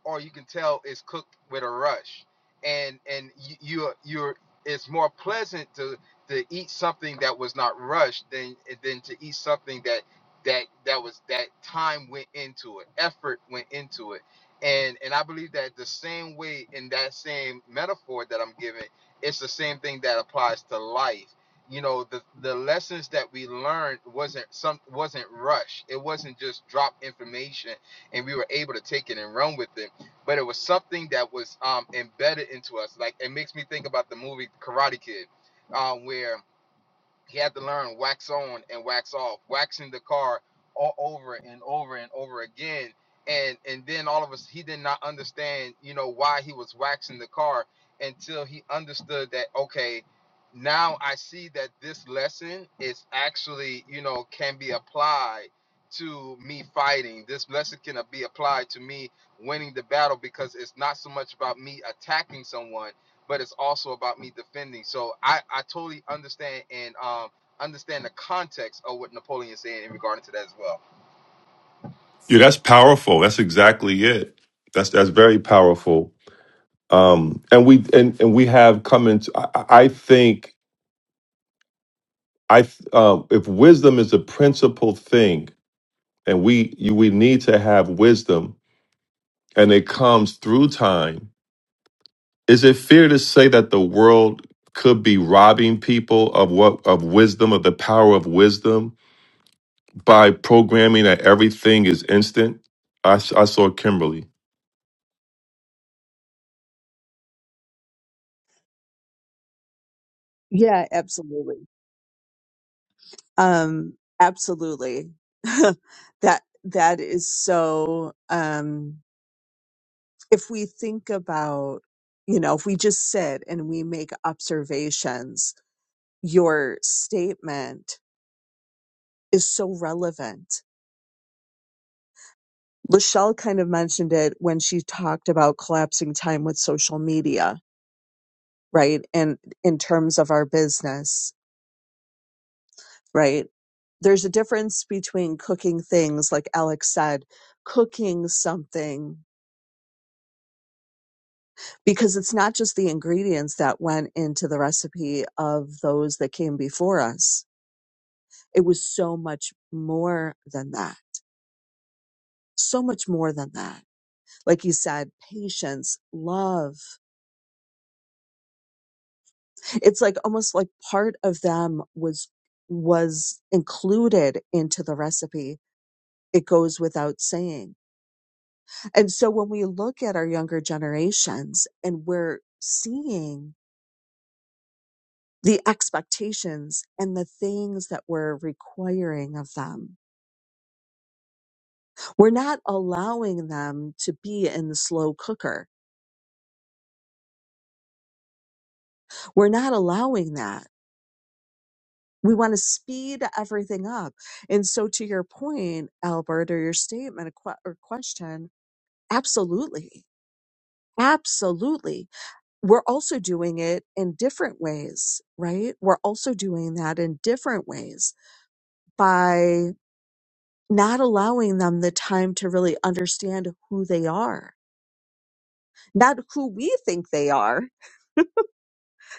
or you can tell it's cooked with a rush and and you you're, you're it's more pleasant to to eat something that was not rushed than than to eat something that that that was that time went into it effort went into it and and i believe that the same way in that same metaphor that i'm giving it's the same thing that applies to life you know the the lessons that we learned wasn't some wasn't rushed it wasn't just drop information and we were able to take it and run with it but it was something that was um, embedded into us. Like it makes me think about the movie Karate Kid, uh, where he had to learn wax on and wax off, waxing the car all over and over and over again. And and then all of us he did not understand, you know, why he was waxing the car until he understood that okay, now I see that this lesson is actually, you know, can be applied to me fighting. This lesson can be applied to me winning the battle because it's not so much about me attacking someone but it's also about me defending. So I, I totally understand and um, understand the context of what Napoleon said in regard to that as well.
Yeah, that's powerful. That's exactly it. That's that's very powerful. Um, and we and and we have come into. I, I I think I th- um, if wisdom is a principal thing, and we you, we need to have wisdom and it comes through time, is it fair to say that the world could be robbing people of what of wisdom, of the power of wisdom, by programming that everything is instant? I, s- I saw Kimberly.
Yeah, absolutely. Um, absolutely. That that is so um if we think about, you know, if we just sit and we make observations, your statement is so relevant. Lachelle kind of mentioned it when she talked about collapsing time with social media, right? And in terms of our business, right? There's a difference between cooking things, like Alex said, cooking something, because it's not just the ingredients that went into the recipe of those that came before us. It was so much more than that. So much more than that. Like you said, patience, love. It's like almost like part of them was was included into the recipe. It goes without saying And so when we look at our younger generations and we're seeing the expectations and the things that we're requiring of them, we're not allowing them to be in the slow cooker. We're not allowing that. We want to speed everything up. And so to your point, Albert, or your statement or que- or question, absolutely. Absolutely. We're also doing it in different ways, right? We're also doing that in different ways by not allowing them the time to really understand who they are, not who we think they are,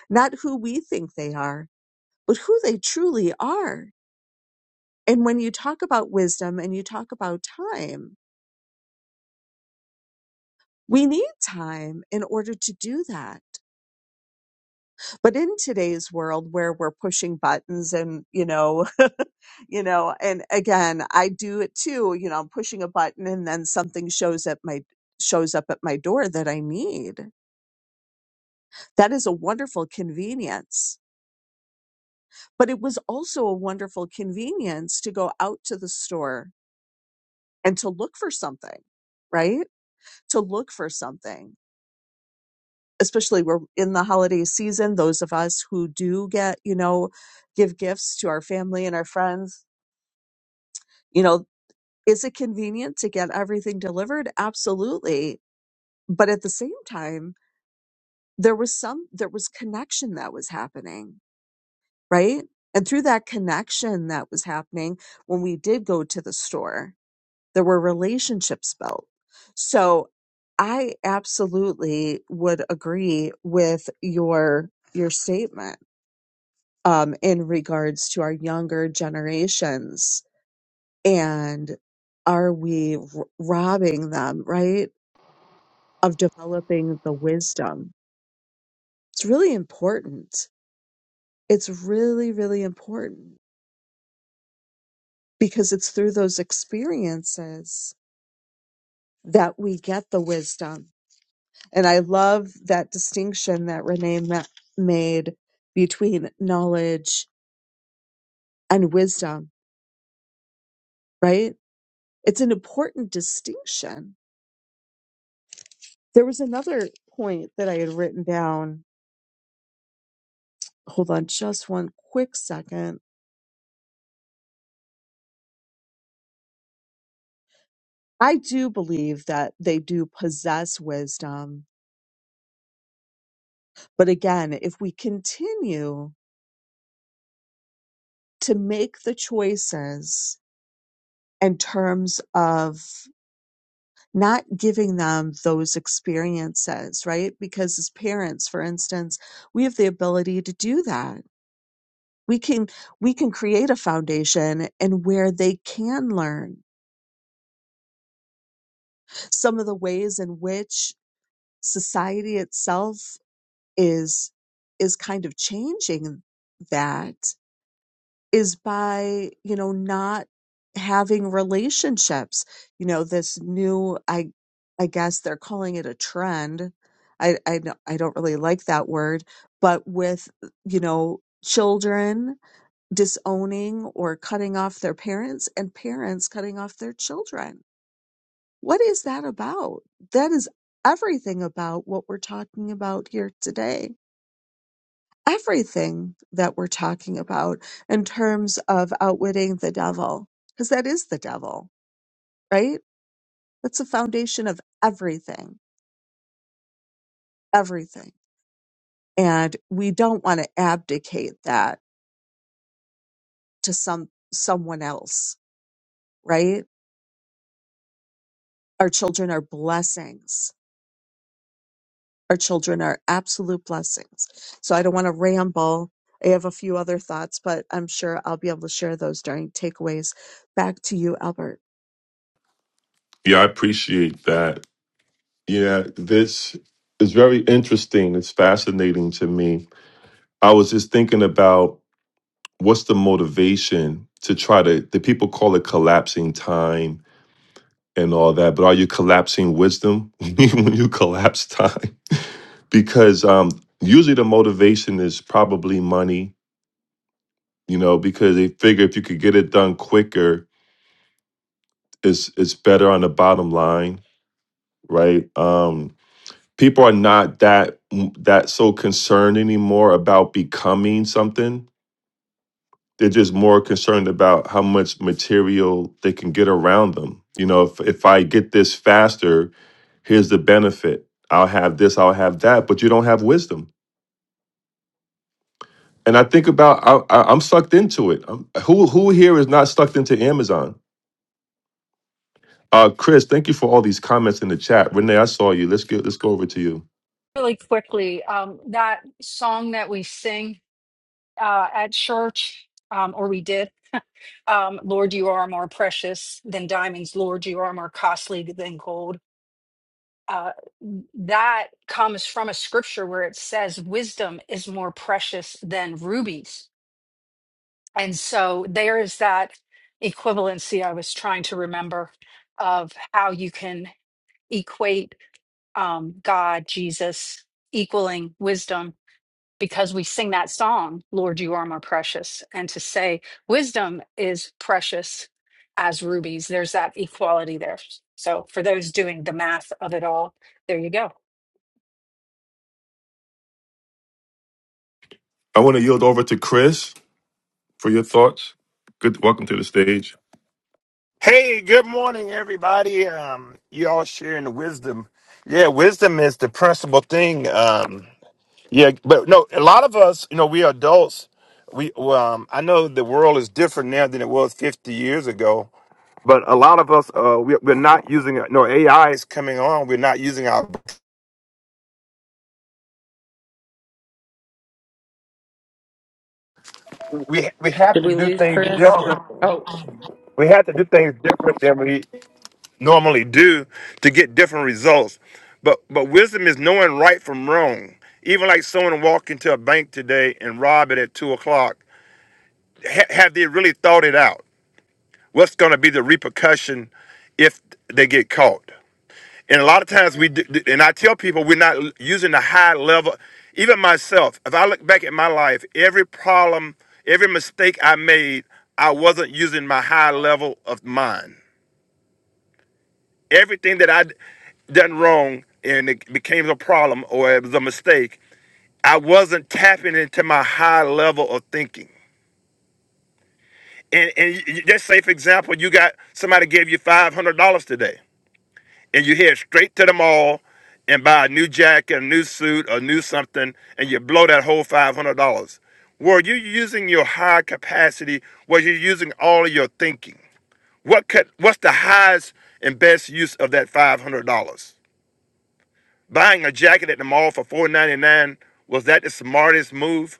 not who we think they are, but who they truly are. And when you talk about wisdom and you talk about time, we need time in order to do that. But in today's world where we're pushing buttons and, you know, you know, and again, I do it too, you know, I'm pushing a button and then something shows up my shows up at my door that I need That is a wonderful convenience. But it was also a wonderful convenience to go out to the store and to look for something, right? To look for something, especially we're in the holiday season. Those of us who do get, you know, give gifts to our family and our friends, you know, is it convenient to get everything delivered? Absolutely. But at the same time, there was some, there was connection that was happening right? And through that connection that was happening when we did go to the store, there were relationships built. So I absolutely would agree with your your statement um, in regards to our younger generations and are we r- robbing them right of developing the wisdom? It's really important. It's really really important because it's through those experiences that we get the wisdom. And I love that distinction that Renee ma- made between knowledge and wisdom, right? It's an important distinction. There was another point that I had written down. Hold on just one quick second. I do believe that they do possess wisdom. But again, if we continue to make the choices in terms of not giving them those experiences, right? Because as parents, for instance, we have the ability to do that. We can we can create a foundation and where they can learn some of the ways in which society itself is is kind of changing that is by you know not having relationships you know this new i i guess they're calling it a trend i i don't, I don't really like that word but with you know children disowning or cutting off their parents and parents cutting off their children what is that about that is everything about what we're talking about here today everything that we're talking about in terms of outwitting the devil, because that is the devil, right? That's the foundation of everything, everything. And we don't want to abdicate that to some someone else, right? Our children are blessings. Our children are absolute blessings. So I don't want to ramble. I have a few other thoughts, but I'm sure I'll be able to share those during takeaways. Back to you, Albert.
Yeah, I appreciate that. Yeah, this is very interesting. It's fascinating to me. I was just thinking about what's the motivation to try to. The people call it collapsing time and all that, but are you collapsing wisdom when you collapse time? because um, usually the motivation is probably money, you know, because they figure if you could get it done quicker, it's it's better on the bottom line, right? Um, people are not that mm, that so concerned anymore about becoming something. They're just more concerned about how much material they can get around them. You know, if if I get this faster, here's the benefit i'll have this i'll have that but you don't have wisdom and i think about I, I, i'm sucked into it I'm, who who here is not sucked into amazon uh chris thank you for all these comments in the chat renee i saw you let's get let's go over to you
Really quickly, um, that song that we sing uh, at church, um, or we did, um, Lord, you are more precious than diamonds. Lord, you are more costly than gold. Uh, that comes from a scripture where it says wisdom is more precious than rubies And so there is that equivalency I was trying to remember of how you can equate um, God, Jesus, equaling wisdom, because we sing that song, Lord, you are more precious. And to say wisdom is precious as rubies, there's that equality there. So for those doing the math of it all, there you go.
i want to yield over to chris for your thoughts good welcome to the stage
Hey, good morning, everybody. Um, you all sharing the wisdom. Yeah, wisdom is the principal thing. Um, yeah, but no, a lot of us, you know, we are adults. We, well, um, I know the world is different now than it was 50 years ago, but a lot of us, uh, we, we're not using, no, AI is coming on. We're not using our, we, we have
did
to
we
do
lose
things
chris
different.
oh
We have to do things different than we, normally do to get different results. But but wisdom is knowing right from wrong. Even like someone walk into a bank today and rob it at two o'clock, ha- have they really thought it out? What's going to be the repercussion if they get caught? And a lot of times we do, and I tell people we're not l- using the high level. Even myself, if I look back at my life, every problem, every mistake I made, I wasn't using my high level of mind. Everything that I done wrong and it became a problem or it was a mistake, I wasn't tapping into my high level of thinking. And, and y- just say, for example, you got somebody gave you $500 today and you head straight to the mall and buy a new jacket, a new suit, a new something, and you blow that whole $500. Were you using your high capacity? Were you using all of your thinking? What could, what's the highest and best use of that $500? Buying a jacket at the mall for four ninety nine was that the smartest move?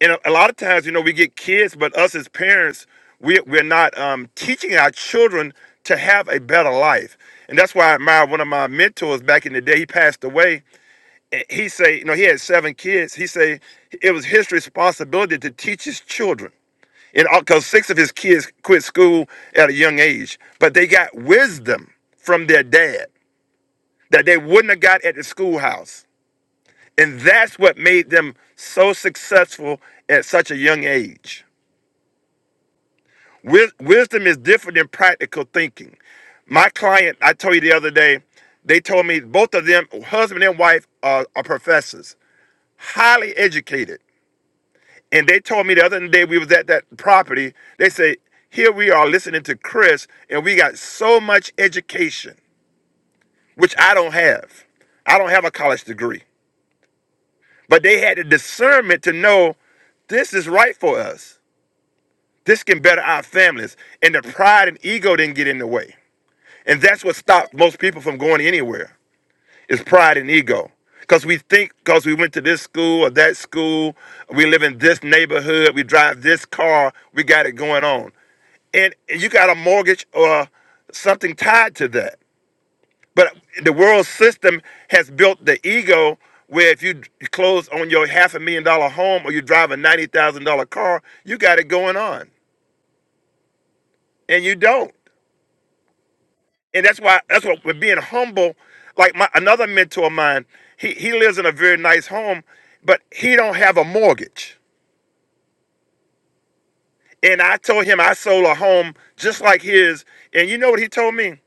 And a, a lot of times, you know, we get kids, but us as parents, we we're not um, teaching our children to have a better life. And that's why I admire one of my mentors back in the day, he passed away. and He say, you know, he had seven kids. He say it was his responsibility to teach his children. And because six of his kids quit school at a young age, but they got wisdom from their dad that they wouldn't have got at the schoolhouse And that's what made them so successful at such a young age. Wis- Wisdom is different than practical thinking. My client, I told you the other day, they told me both of them, husband and wife, are, are professors, highly educated. And they told me the other day we was at that property. They say, here we are listening to Chris, and we got so much education, which I don't have. I don't have a college degree. But they had the discernment to know this is right for us This can better our families. And the pride and ego didn't get in the way. And that's what stopped most people from going anywhere is pride and ego. Because we think because we went to this school or that school, we live in this neighborhood, we drive this car, we got it going on. And you got a mortgage or something tied to that. But the world system has built the ego where if you close on your half a million dollar home or you drive a $90,000 car, you got it going on. And you don't. and that's why that's what with being humble like my another mentor of mine he he lives in a very nice home but he don't have a mortgage and i told him i sold a home just like his and you know what he told me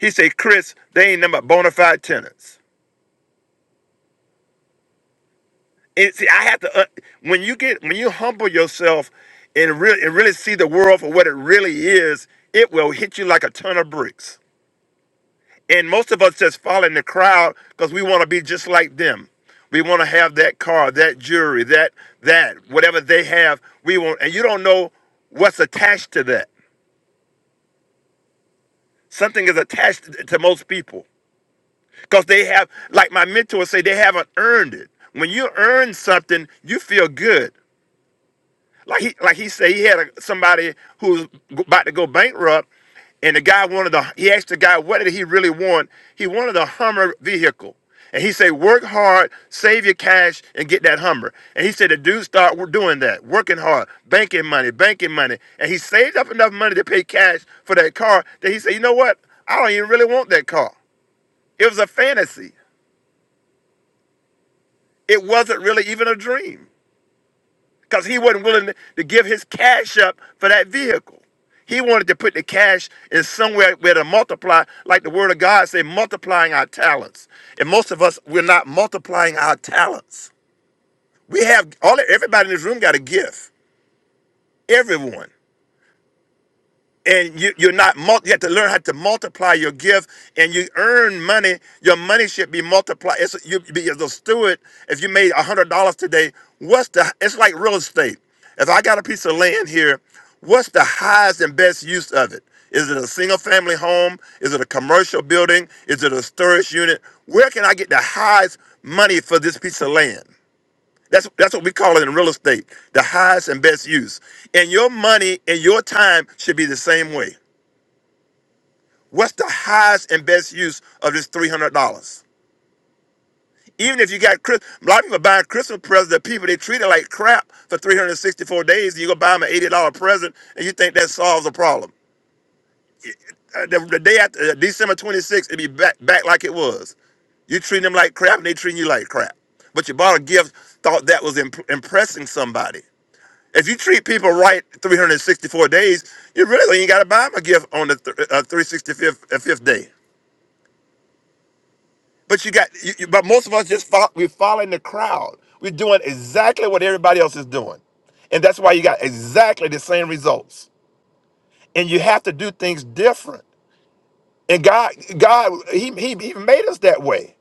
he said chris they ain't number bona fide tenants and see i have to uh, when you get when you humble yourself and really and really see the world for what it really is it will hit you like a ton of bricks And most of us just follow in the crowd because we want to be just like them. We want to have that car, that jewelry, that that whatever they have. We want, and you don't know what's attached to that. Something is attached to most people because they have, like my mentors say, they haven't earned it. When you earn something, you feel good. Like he like he said, he had a, somebody who was g- about to go bankrupt, and the guy wanted the he asked the guy what did he really want. He wanted a Hummer vehicle, and he said, work hard, save your cash, and get that Hummer. And he said the dude start w- doing that, working hard, banking money, banking money, and he saved up enough money to pay cash for that car. That he said, you know what? I don't even really want that car. It was a fantasy. It wasn't really even a dream. because he wasn't willing to, to give his cash up for that vehicle. He wanted to put the cash in somewhere where to multiply, like the word of God say, multiplying our talents. And most of us, we're not multiplying our talents. We have all everybody in this room got a gift. Everyone. and you, you're not mul- you have to learn how to multiply your gift and you earn money your money should be multiplied it's you be as a steward if you made a hundred dollars today what's the it's like real estate if i got a piece of land here what's the highest and best use of it is it a single family home is it a commercial building is it a storage unit where can i get the highest money for this piece of land that's that's what we call it in real estate, the highest and best use. And your money and your time should be the same way. What's the highest and best use of this three hundred dollars? Even if you got Chris, a lot of people buying Christmas presents that people they treat it like crap for three hundred sixty-four days, and you go buy them an eighty dollar present, and you think that solves the problem. Uh, The, the day after uh, December twenty-sixth, it'd be back back like it was. You treat them like crap, and they treating you like crap. But you bought a gift, thought that was imp- impressing somebody. If you treat people right 364 days, you really ain't got to buy them a gift on the th- uh, 365th uh, fifth day. But you got, you, you- but most of us just follow, we're following the crowd. We're doing exactly what everybody else is doing, and that's why you got exactly the same results. And you have to do things different. And God, God, He He, he made us that way.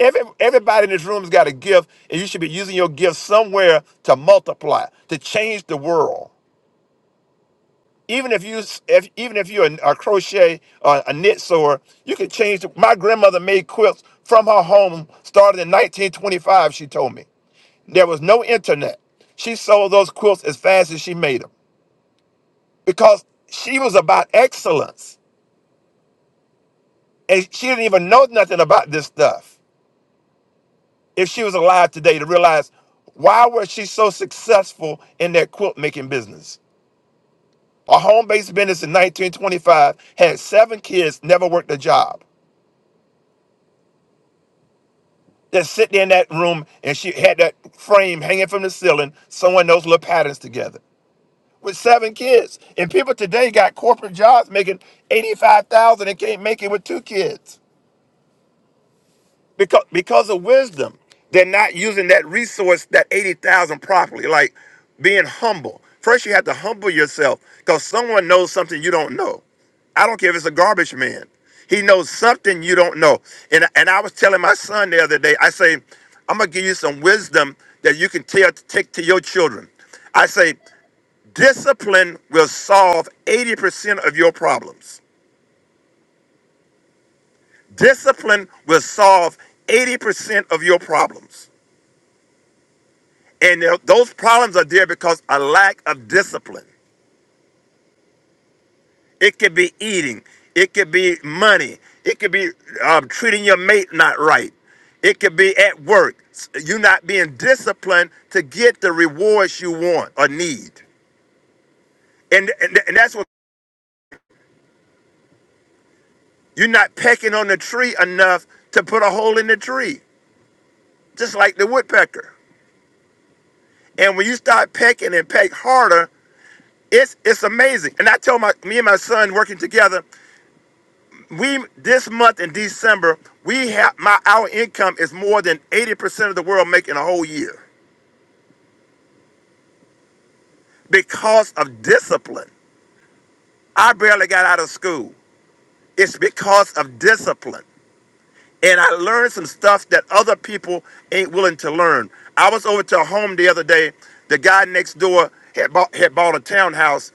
Every, everybody in this room has got a gift, and you should be using your gift somewhere to multiply, to change the world. Even if you, if even if you're a, a crochet or a knit sewer, you can change. The, my grandmother made quilts from her home, started in 1925. She told me. There was no internet. She sold those quilts as fast as she made them because she was about excellence. And she didn't even know nothing about this stuff. If she was alive today to realize why was she so successful in that quilt making business? A home-based business in 1925 had seven kids, never worked a job. Just sitting in that room and she had that frame hanging from the ceiling, sewing those little patterns together. with seven kids. And people today got corporate jobs making 85,000 and can't make it with two kids because because of wisdom. They're not using that resource that 80,000 properly like being humble. First you have to humble yourself cuz someone knows something you don't know. I don't care if it's a garbage man. He knows something you don't know. And and I was telling my son the other day, I say, I'm gonna give you some wisdom that you can tell take to your children. I say Discipline will solve 80% of your problems. Discipline will solve 80% of your problems. And th- those problems are there because a lack of discipline. It could be eating, it could be money, it could be um, treating your mate not right, it could be at work. S- You not being disciplined to get the rewards you want or need. And, and, and that's what you're not pecking on the tree enough to put a hole in the tree, just like the woodpecker. And when you start pecking and peck harder, it's it's amazing. And I told my me and my son working together, we this month in December, we have my our income is more than 80% of the world making a whole year because of discipline. I barely got out of school. It's because of discipline. and I learned some stuff that other people ain't willing to learn. I was over to a home the other day. The guy next door had bought had bought a townhouse,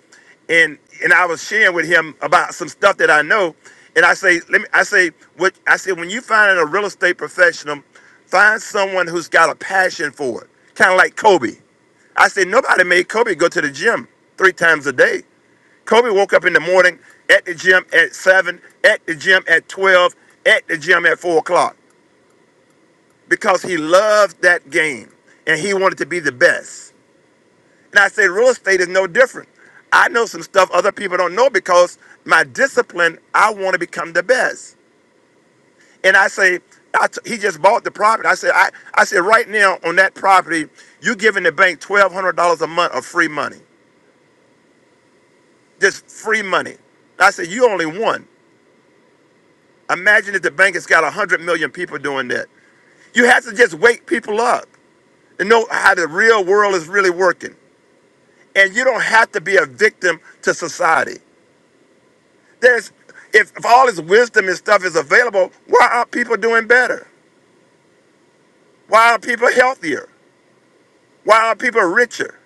and and I was sharing with him about some stuff that I know. And I say, let me. I say, what I said when you find a real estate professional, find someone who's got a passion for it, kind of like Kobe. I said nobody made Kobe go to the gym three times a day. Kobe woke up in the morning at the gym at 7, at the gym at 12, at the gym at 4 o'clock because he loved that game and he wanted to be the best. And I say real estate is no different. I know some stuff other people don't know because my discipline, I want to become the best. And I say, I t- he just bought the property. I said, I, I said, right now on that property, you giving the bank $1,200 a month of free money, just free money. I said, you only won. Imagine if the bank has got 100 million people doing that. You have to just wake people up and know how the real world is really working. And you don't have to be a victim to society. There's, if, if all this wisdom and stuff is available, why aren't people doing better? Why aren't people healthier? Why aren't people richer?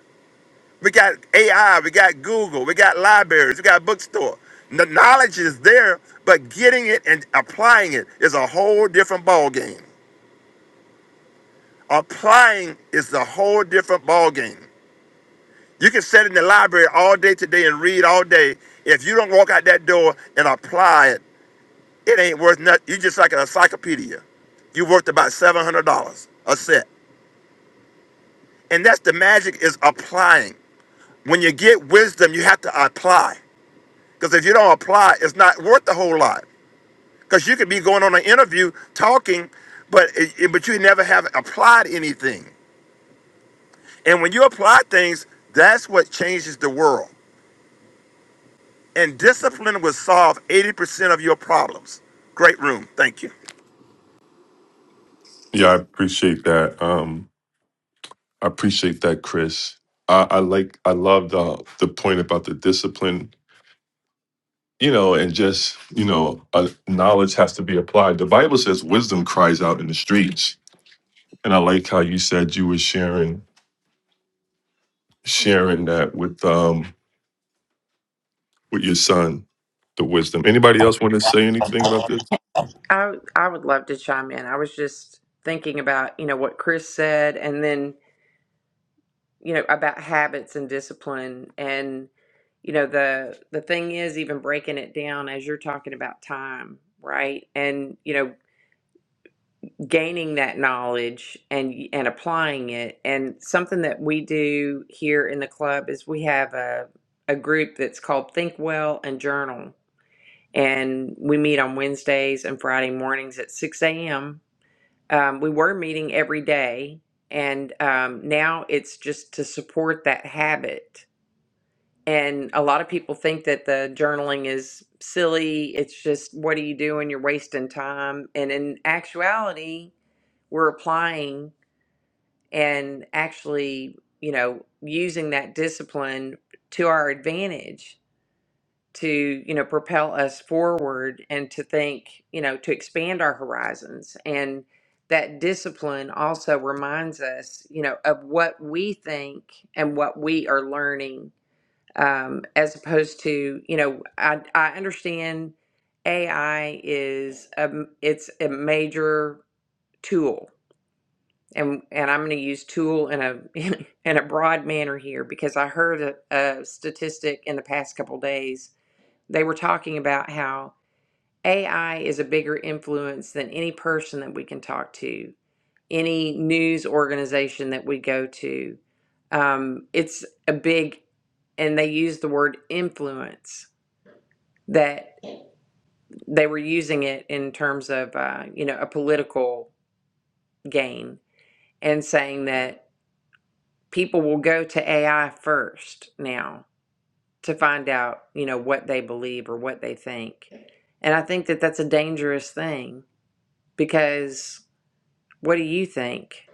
We got AI, we got Google, we got libraries, we got bookstore. The knowledge is there, but getting it and applying it is a whole different ball game. Applying is a whole different ballgame. You can sit in the library all day today and read all day. If you don't walk out that door and apply it, it ain't worth nothing. you just like an encyclopedia. You worth about $700 a set. And that's the magic is applying. When you get wisdom, you have to apply. Because if you don't apply, it's not worth a whole lot. Because you could be going on an interview talking, but, it, it- but you never have applied anything. And when you apply things, that's what changes the world. And discipline will solve 80% of your problems. Great room. Thank you.
Yeah, I appreciate that. Um, I appreciate that, Chris. I, I like, I love the the point about the discipline, you know, and just you know, uh, knowledge has to be applied. The Bible says wisdom cries out in the streets, and I like how you said you were sharing sharing that with um with your son, the wisdom. Anybody else want to say anything about this?
i i would love to chime in i was just thinking about you know what chris said and then you know, about habits and discipline. And, you know, the the thing is even breaking it down as you're talking about time, right? And, you know, gaining that knowledge and and applying it. And something that we do here in the club is we have a a group that's called Think Well and Journal. And we meet on Wednesdays and Friday mornings at 6 a.m. Um, we were meeting every day, and um, now it's just to support that habit And a lot of people think that the journaling is silly. It's just, what are you doing? You're wasting time. And in actuality, we're applying and actually, you know, using that discipline to our advantage to, you know, propel us forward and to think, you know, to expand our horizons. And that discipline also reminds us, you know, of what we think and what we are learning um, as opposed to you know I, I understand AI is a, m- it's a major tool and and I'm going to use tool in a in a broad manner here because I heard a, a statistic in the past couple days they were talking about how AI is a bigger influence than any person that we can talk to any news organization that we go to um, it's a big and they use the word influence that they were using it in terms of uh, you know a political gain and saying that people will go to AI first now to find out you know what they believe or what they think, and I think that that's a dangerous thing because what do you think?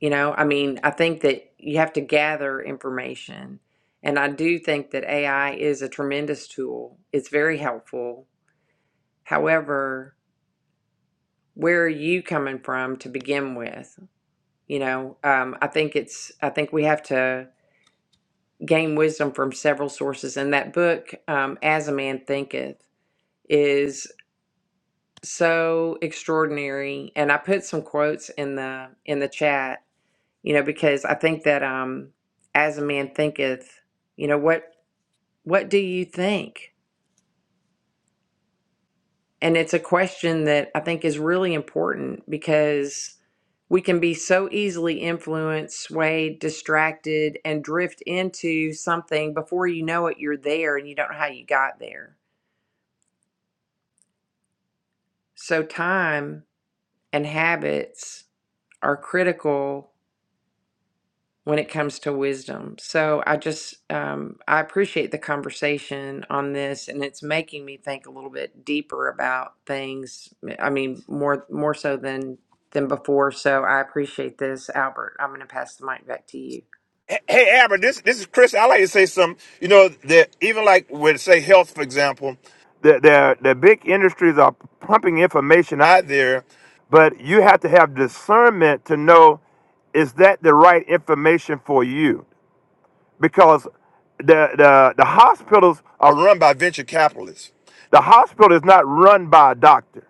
You know, I mean, I think that you have to gather information. And I do think that AI is a tremendous tool. It's very helpful. However, where are you coming from to begin with you know um, i think it's i think we have to gain wisdom from several sources and that book um, as a man thinketh is so extraordinary and i put some quotes in the in the chat you know because i think that um as a man thinketh you know what what do you think And it's a question that I think is really important because we can be so easily influenced, swayed, distracted, and drift into something before you know it, you're there and you don't know how you got there. So, time and habits are critical when it comes to wisdom. So I just um, I appreciate the conversation on this, and it's making me think a little bit deeper about things. I mean, more more so than than before. So I appreciate this, Albert. I'm going to pass the mic back to you.
Hey, hey, Amber, this, this is Chris. I like to say something. You know, that even like with, say, health, for example, the, the, the big industries are pumping information out there, but you have to have discernment to know is that the right information for you? because the, the, the hospitals are run by venture capitalists. the hospital is not run by a doctor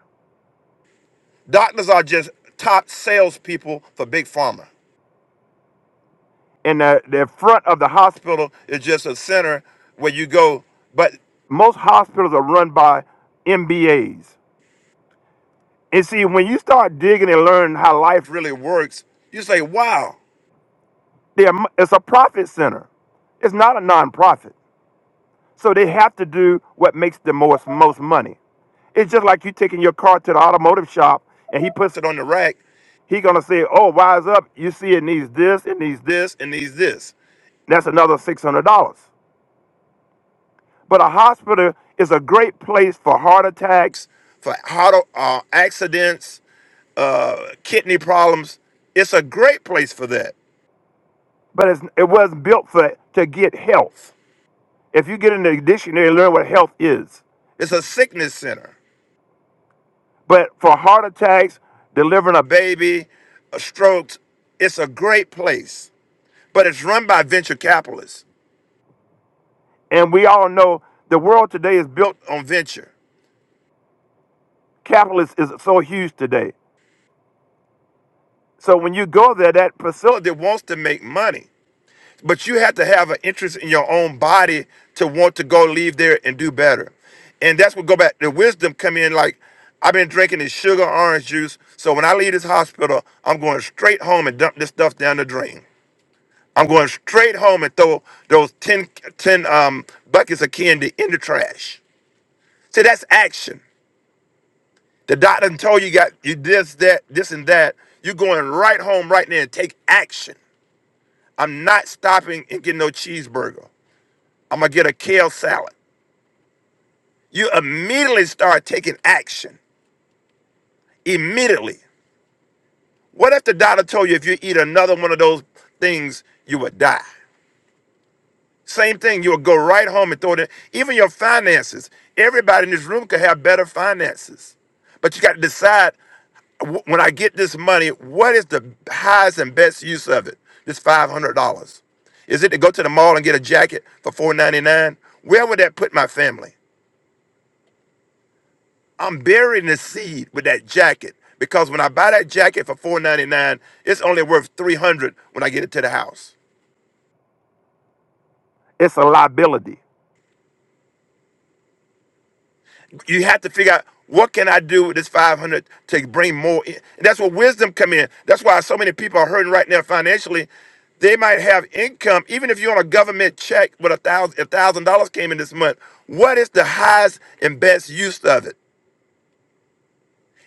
Doctors are just top salespeople for big pharma. and the, the front of the hospital is just a center where you go, but most hospitals are run by mbas and see when you start digging and learning how life really works. You say, wow, they're, it's a profit center it's not a nonprofit. So they have to do what makes the most most money. It's just like you taking your car to the automotive shop and he puts it on the rack. He gonna say, "Oh, wise up! You see, it needs this, it needs this, it needs this." That's another six hundred dollars. But a hospital is a great place for heart attacks, for auto uh, accidents, uh, kidney problems. It's a great place for that. But it's, it wasn't built for to get health. If you get in the dictionary and learn what health is, It's a sickness center. but for heart attacks, delivering a Baby, a stroke, it's a great place, but it's run by venture capitalists. and we all know the world today is built. On venture, Capitalist is so huge today. So when you go there, that facility wants to make money. but you have to have an interest in your own body to want to go leave there and do better and that's what go back the wisdom come in like i've been drinking this sugar orange juice so when i leave this hospital i'm going straight home and dump this stuff down the drain i'm going straight home and throw those 10 10 um, buckets of candy in the trash see that's action the doctor done told you got you this that this and that you're going right home right now and take action i'm not stopping and getting no cheeseburger I'm gonna get a kale salad. You immediately start taking action. Immediately. What if the doctor told you if you eat another one of those things, you would die? Same thing, you would go right home and throw it in. Even your finances. Everybody in this room could have better finances. But you got to decide w- when I get this money, what is the highest and best use of it? This five hundred dollars. Is it to go to the mall and get a jacket for four ninety nine? Where would that put my family? I'm burying the seed with that jacket because when I buy that jacket for four ninety nine, it's only worth 300 when I get it to the house. It's a liability. You have to figure out what can I do with this 500 to bring more in. And that's where wisdom come in. That's why so many people are hurting right now financially. They might have income, even if you're on a government check with a thousand, a thousand dollars came in this month. What is the highest and best use of it?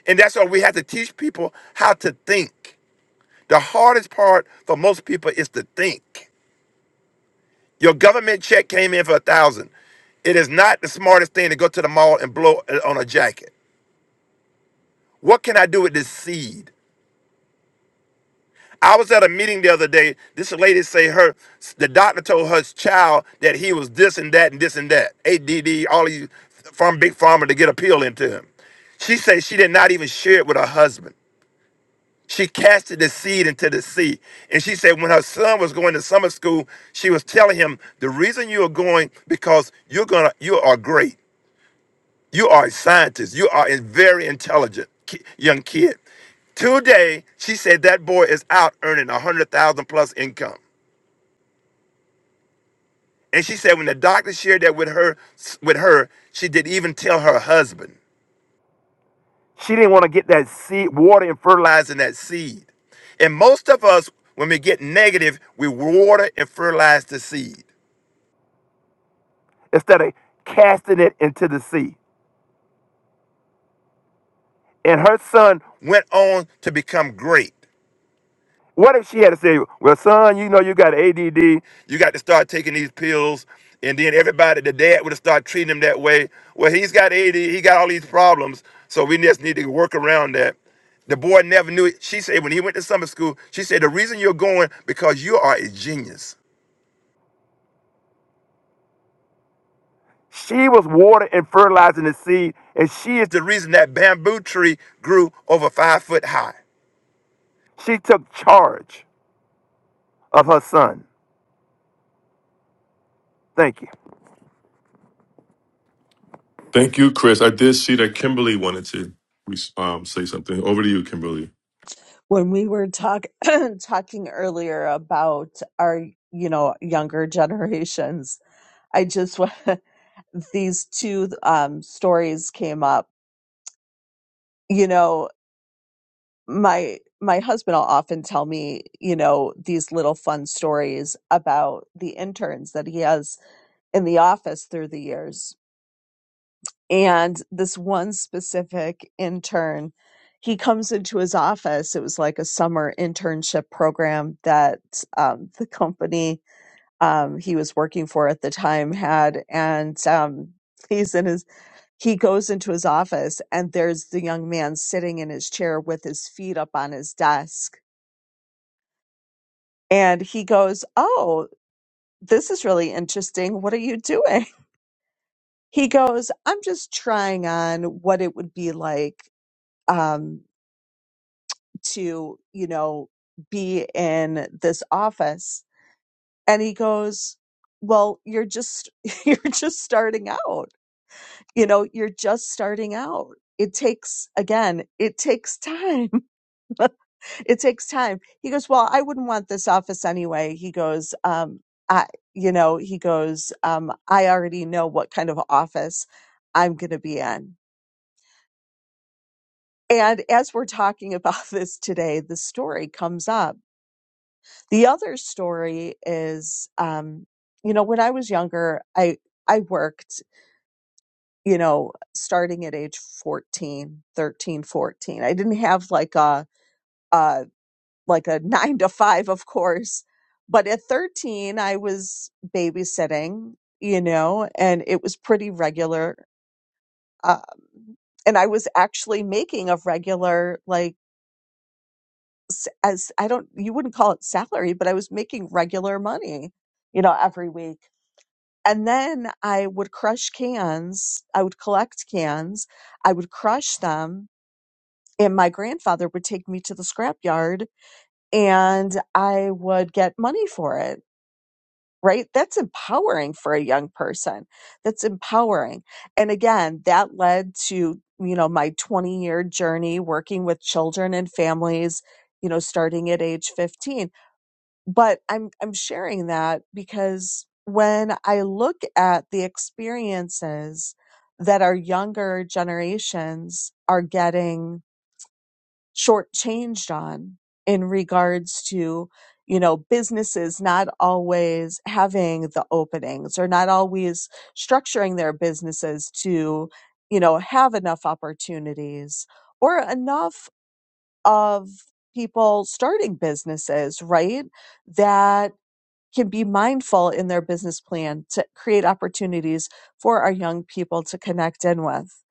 And that's why we have to teach people how to think. The hardest part for most people is to think. Your government check came in for a thousand. It is not the smartest thing to go to the mall and blow it on a jacket. What can I do with this seed? I was at a meeting the other day. This lady say her the doctor told her child that he was this and that and this and that. ADD, all these from big pharma to get a pill into him. She said she did not even share it with her husband. She casted the seed into the sea. And she said when her son was going to summer school, she was telling him, the reason you are going, because you're gonna, you are great. You are a scientist. You are a very intelligent ki- young kid. Today, she said that boy is out earning a hundred thousand plus income. And she said when the doctor shared that with her, with her, she didn't even tell her husband. She didn't want to get that seed, water and fertilizing that seed. And most of us, when we get negative, we water and fertilize the seed instead of casting it into the sea. And her son went on to become great. What if she had to say, "Well, son, you know you got ADD. You got to start taking these pills." And then everybody, the dad would have started treating him that way. Well, he's got AD, he got all these problems, so we just need to work around that. The boy never knew it. She said when he went to summer school, she said the reason you're going because you are a genius. She was watering and fertilizing the seed, and she is the reason that bamboo tree grew over five foot high. She took charge of her son. Thank you.
Thank you, Chris. I did see that Kimberly wanted to um, say something. Over to you, Kimberly.
when we were talk talking earlier about our you know younger generations i just wa- these two um stories came up you know my my husband will often tell me you know these little fun stories about the interns that he has in the office through the years and this one specific intern he comes into his office it was like a summer internship program that um, the company um, he was working for at the time had and um, he's in his he goes into his office and there's the young man sitting in his chair with his feet up on his desk and he goes oh this is really interesting what are you doing he goes i'm just trying on what it would be like um, to, you know, be in this office. And he goes, well, you're just, you're just starting out. You know, you're just starting out. It takes, again, it takes time. it takes time. He goes, well, I wouldn't want this office anyway. He goes, um, I, you know, he goes, um, I already know what kind of office I'm going to be in. And as we're talking about this today, the story comes up The other story is, um, you know, when I was younger, I, I worked, you know, starting at age 14, 13, 14. I didn't have like a, uh, like a nine to five, of course, but at 13, I was babysitting, you know, and it was pretty regular. Um, and I was actually making a regular, like, s- as I don't, you wouldn't call it salary, but I was making regular money, you know, every week And then I would crush cans. I would collect cans. I would crush them. And my grandfather would take me to the scrapyard and I would get money for it, right? That's empowering for a young person. That's empowering. And again, that led to, you know, my 20 year journey working with children and families, you know, starting at age 15 but I'm I'm sharing that because when I look at the experiences that our younger generations are getting shortchanged on in regards to, you know, businesses not always having the openings or not always structuring their businesses to, you know, have enough opportunities or enough of people starting businesses, right? That can be mindful in their business plan to create opportunities for our young people to connect in with.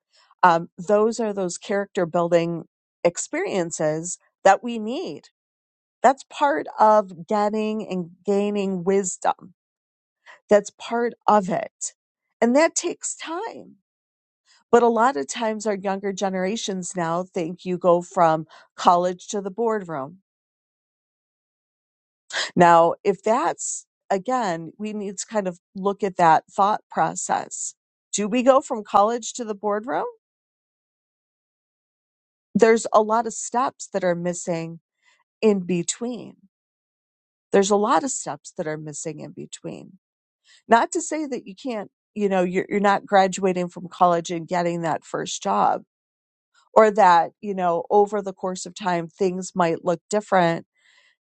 Um, those are those character building experiences that we need. That's part of getting and gaining wisdom. That's part of it. And that takes time. But a lot of times, our younger generations now think you go from college to the boardroom Now, if that's again, we need to kind of look at that thought process. Do we go from college to the boardroom? There's a lot of steps that are missing in between. There's a lot of steps that are missing in between. Not to say that you can't, you know, you're, you're not graduating from college and getting that first job or that, you know, over the course of time, things might look different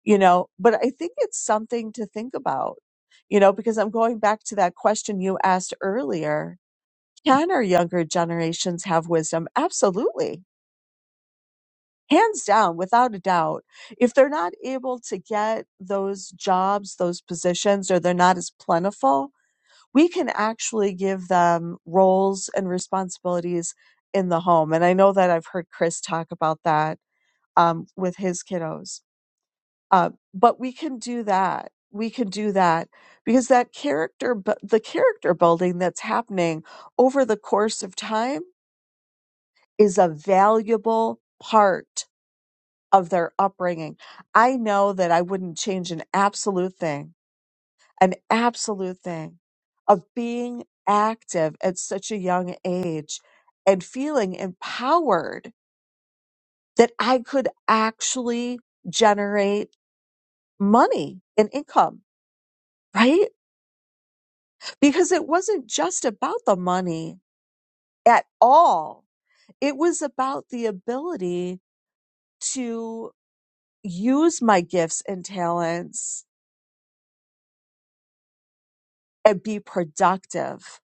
you know but i think it's something to think about you know because i'm going back to that question you asked earlier can our younger generations have wisdom absolutely hands down without a doubt if they're not able to get those jobs those positions or they're not as plentiful we can actually give them roles and responsibilities in the home and i know that i've heard chris talk about that um, with his kiddos Uh, but we can do that. We can do that because that character, bu- the character building that's happening over the course of time is a valuable part of their upbringing. I know that I wouldn't change an absolute thing, an absolute thing of being active at such a young age and feeling empowered that I could actually generate money and income, right? because it wasn't just about the money at all. It was about the ability to use my gifts and talents and be productive.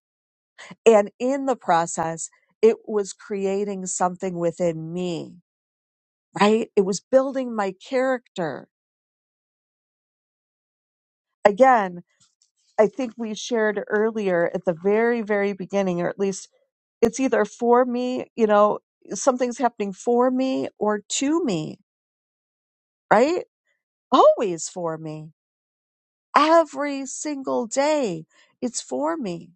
And in the process, it was creating something within me, right? It was building my character. Again, I think we shared earlier at the very, very beginning, or at least it's either for me, you know, something's happening for me or to me, right? always for me. Every single day, it's for me.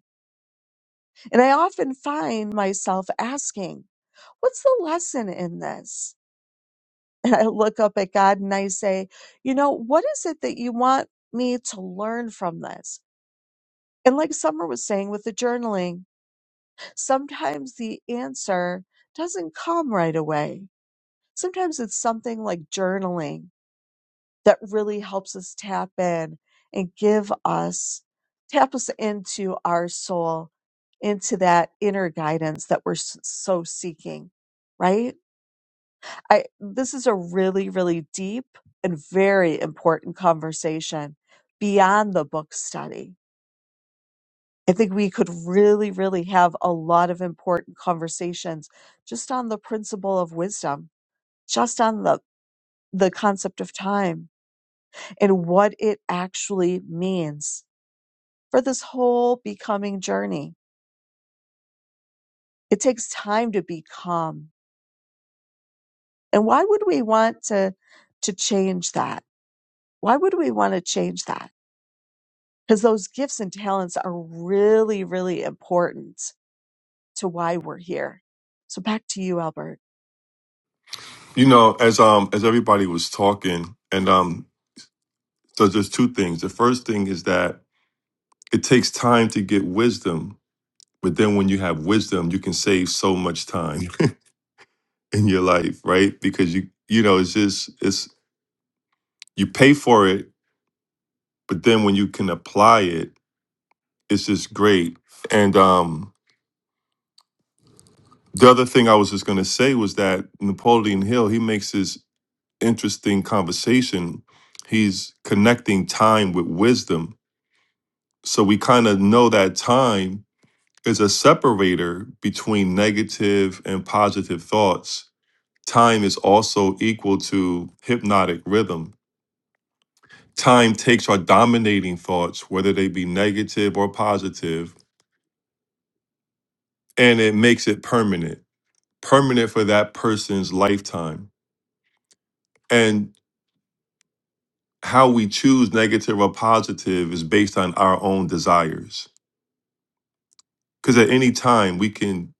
And I often find myself asking, What's the lesson in this? And I look up at God and I say, You know, what is it that you want me to learn from this? And like Summer was saying with the journaling, sometimes the answer doesn't come right away. Sometimes it's something like journaling that really helps us tap in and give us, tap us into our soul, into that inner guidance that we're s- so seeking, right? I, this is a really, really deep and very important conversation beyond the book study. I think we could really, really have a lot of important conversations just on the principle of wisdom, just on the, the concept of time and what it actually means for this whole becoming journey. It takes time to become. And why would we want to, to change that? Why would we want to change that? Because those gifts and talents are really, really important to why we're here. So back to you, Albert.
You know, as um as everybody was talking, and um So there's two things. The first thing is that it takes time to get wisdom, but then when you have wisdom, you can save so much time in your life, right? Because you you know, it's just it's you pay for it, but then when you can apply it, it's just great. And um the other thing I was just gonna say was that Napoleon Hill, he makes this interesting conversation. He's connecting time with wisdom. So we kind of know that time is a separator between negative and positive thoughts. Time is also equal to hypnotic rhythm. Time takes our dominating thoughts, whether they be negative or positive, and it makes it permanent, permanent for that person's lifetime. And how we choose negative or positive is based on our own desires. Because at any time, we can,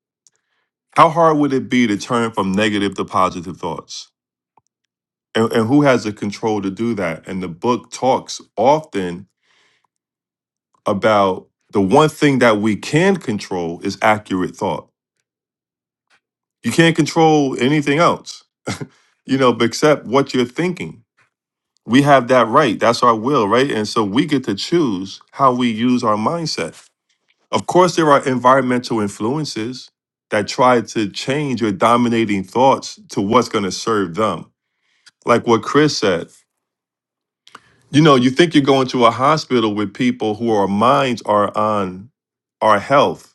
how hard would it be to turn from negative to positive thoughts? and, and who has the control to do that and the book talks often about the one thing that we can control is accurate thought you can't control anything else you know except what you're thinking we have that right that's our will right and so we get to choose how we use our mindset of course there are environmental influences that try to change your dominating thoughts to what's going to serve them like what chris said You know, you think you're going to a hospital with people who are minds are on our health,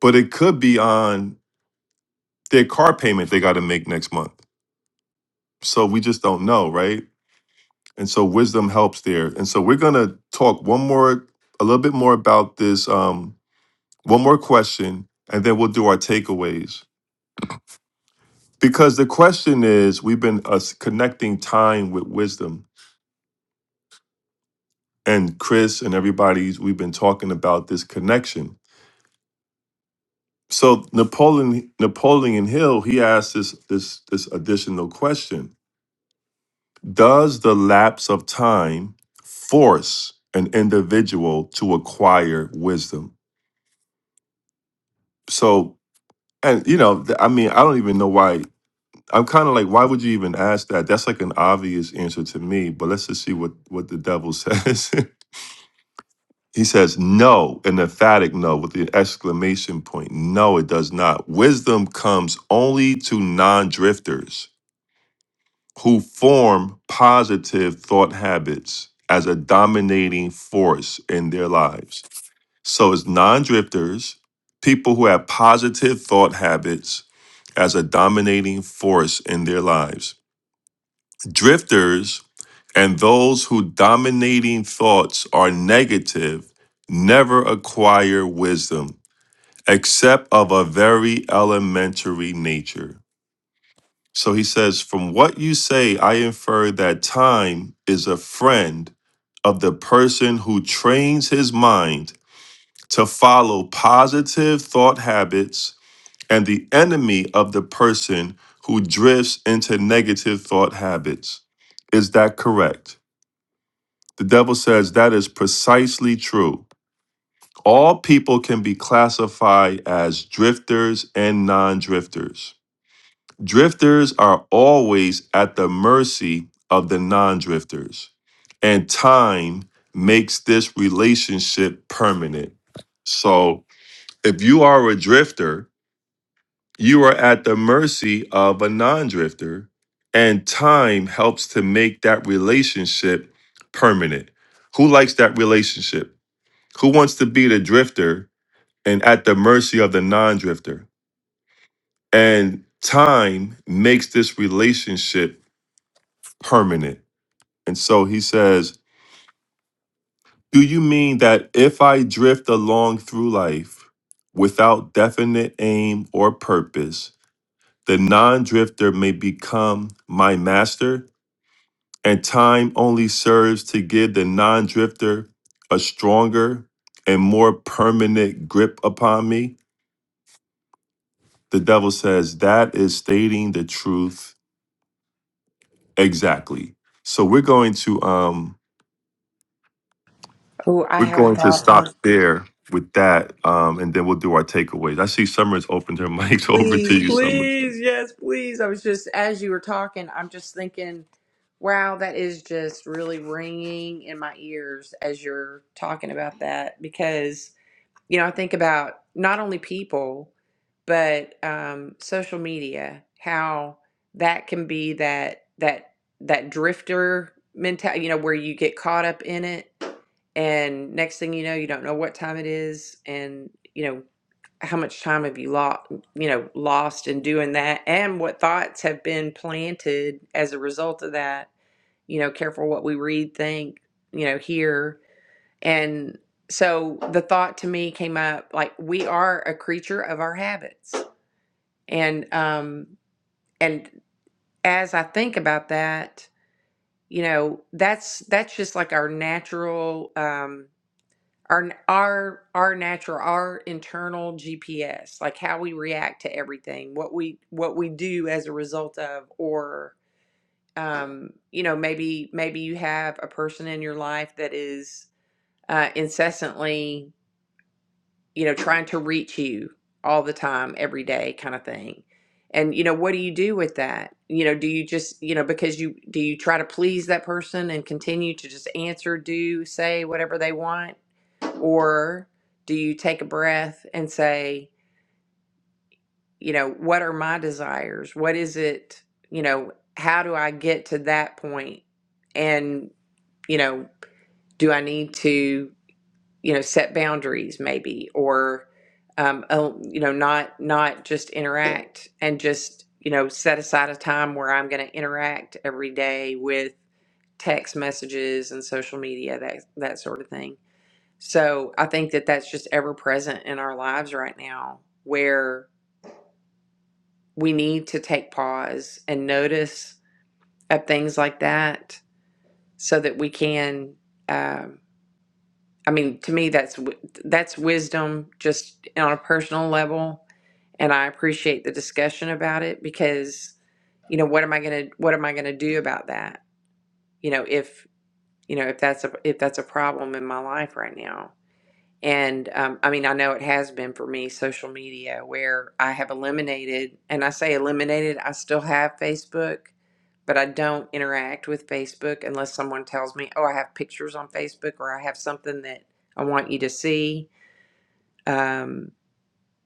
but it could be on their car payment they got to make next month. So we just don't know, right? And so wisdom helps there. And so we're gonna talk one more, a little bit more about this, um, one more question, and then we'll do our takeaways. Because the question is, we've been us connecting time with wisdom, and Chris and everybody's, we've been talking about this connection So Napoleon Napoleon Hill he asked this this this additional question: Does the lapse of time force an individual to acquire wisdom? So, and you know, th- I mean, I don't even know why. I'm kind of like, why would you even ask that? That's like an obvious answer to me. But let's just see what what the devil says. he says no, an emphatic no with the exclamation point. No, it does not. Wisdom comes only to non-drifters who form positive thought habits as a dominating force in their lives. So it's non-drifters, people who have positive thought habits as a dominating force in their lives. Drifters and those whose dominating thoughts are negative never acquire wisdom except of a very elementary nature. So he says, From what you say, I infer that time is a friend of the person who trains his mind to follow positive thought habits and the enemy of the person who drifts into negative thought habits. Is that correct? The devil says that is precisely true. All people can be classified as drifters and non drifters. Drifters are always at the mercy of the non drifters, and time makes this relationship permanent. So, if you are a drifter, you are at the mercy of a non drifter, and time helps to make that relationship permanent. Who likes that relationship? Who wants to be the drifter and at the mercy of the non drifter? And time makes this relationship permanent. And so he says, Do you mean that if I drift along through life without definite aim or purpose, the non drifter may become my master? And time only serves to give the non drifter a stronger and more permanent grip upon me? The devil says, That is stating the truth exactly. So we're going to. um
Oh, I
We're
have a
going to
thought
stop
on.
there with that, um, and then we'll do our takeaways. I see Summer's opened her mic. Over to
Please,
you, Summer.
please, yes, please. I was just as you were talking, I'm just thinking. Wow, that is just really ringing in my ears as you're talking about that because You know, I think about not only people, but um, social media, how that can be that that that drifter mentality, you know, where you get caught up in it, and next thing you know, you don't know what time it is, and you know how much time have you lost, you know, lost in doing that, and what thoughts have been planted as a result of that. You know, careful what we read, think, you know, hear and so the thought to me came up like we are a creature of our habits. And um and as I think about that, you know, that's that's just like our natural um our our our natural our internal GPS, like how we react to everything, what we what we do as a result of or um you know maybe maybe you have a person in your life that is uh incessantly you know, trying to reach you all the time, every day kind of thing. And, you know, what do you do with that? You know, do you just, you know, because you, do you try to please that person and continue to just answer, do, say whatever they want? Or do you take a breath and say, you know, what are my desires? What is it, you know, how do I get to that point? And, you know, do I need to you know set boundaries maybe or um, oh, you know not not just interact and just you know set aside a time where i'm going to interact every day with text messages and social media that that sort of thing so i think that that's just ever present in our lives right now where we need to take pause and notice at things like that so that we can um, I mean, to me, that's wi- that's wisdom just on a personal level, and I appreciate the discussion about it because you know what am I gonna what am I gonna do about that? You know, if you know if that's a if that's a problem in my life right now, and um, I mean, I know it has been for me, social media, where I have eliminated, and I say eliminated, I still have Facebook. But I don't interact with Facebook unless someone tells me, "Oh, I have pictures on Facebook," or "I have something that I want you to see." Um,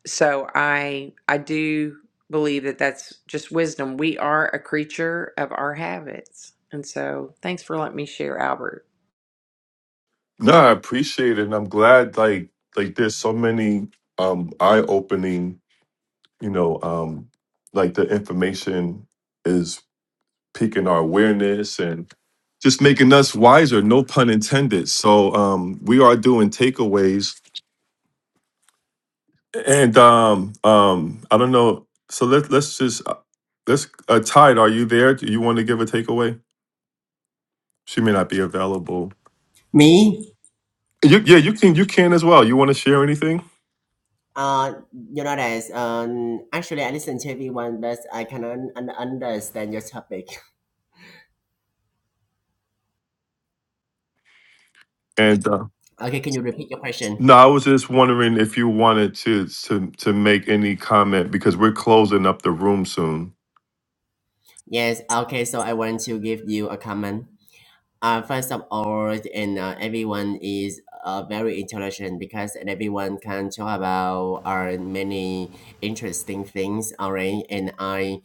so I I do believe that that's just wisdom. We are a creature of our habits, and so thanks for letting me share, Albert.
No, I appreciate it, and I'm glad. Like, like there's so many um, eye-opening. You know, um, like the information is piquing our awareness and just making us wiser. No pun intended. So um, we are doing takeaways, and um, um, I don't know. So let let's just uh, let's uh, Tide. Are you there? Do you want to give a takeaway? She may not be available.
Me?
You, yeah, you can. You can as well. You want to share anything?
Uh, you know that um, actually I listen to everyone, but I cannot un- understand your topic.
And uh,
Okay, can you repeat your question?
no, I was just wondering if you wanted to to to make any comment because we're closing up the room soon.
Yes. Okay, so I want to give you a comment. uh, first of all, and uh, everyone is uh, very intelligent because everyone can talk about uh, many interesting things Alright, And I,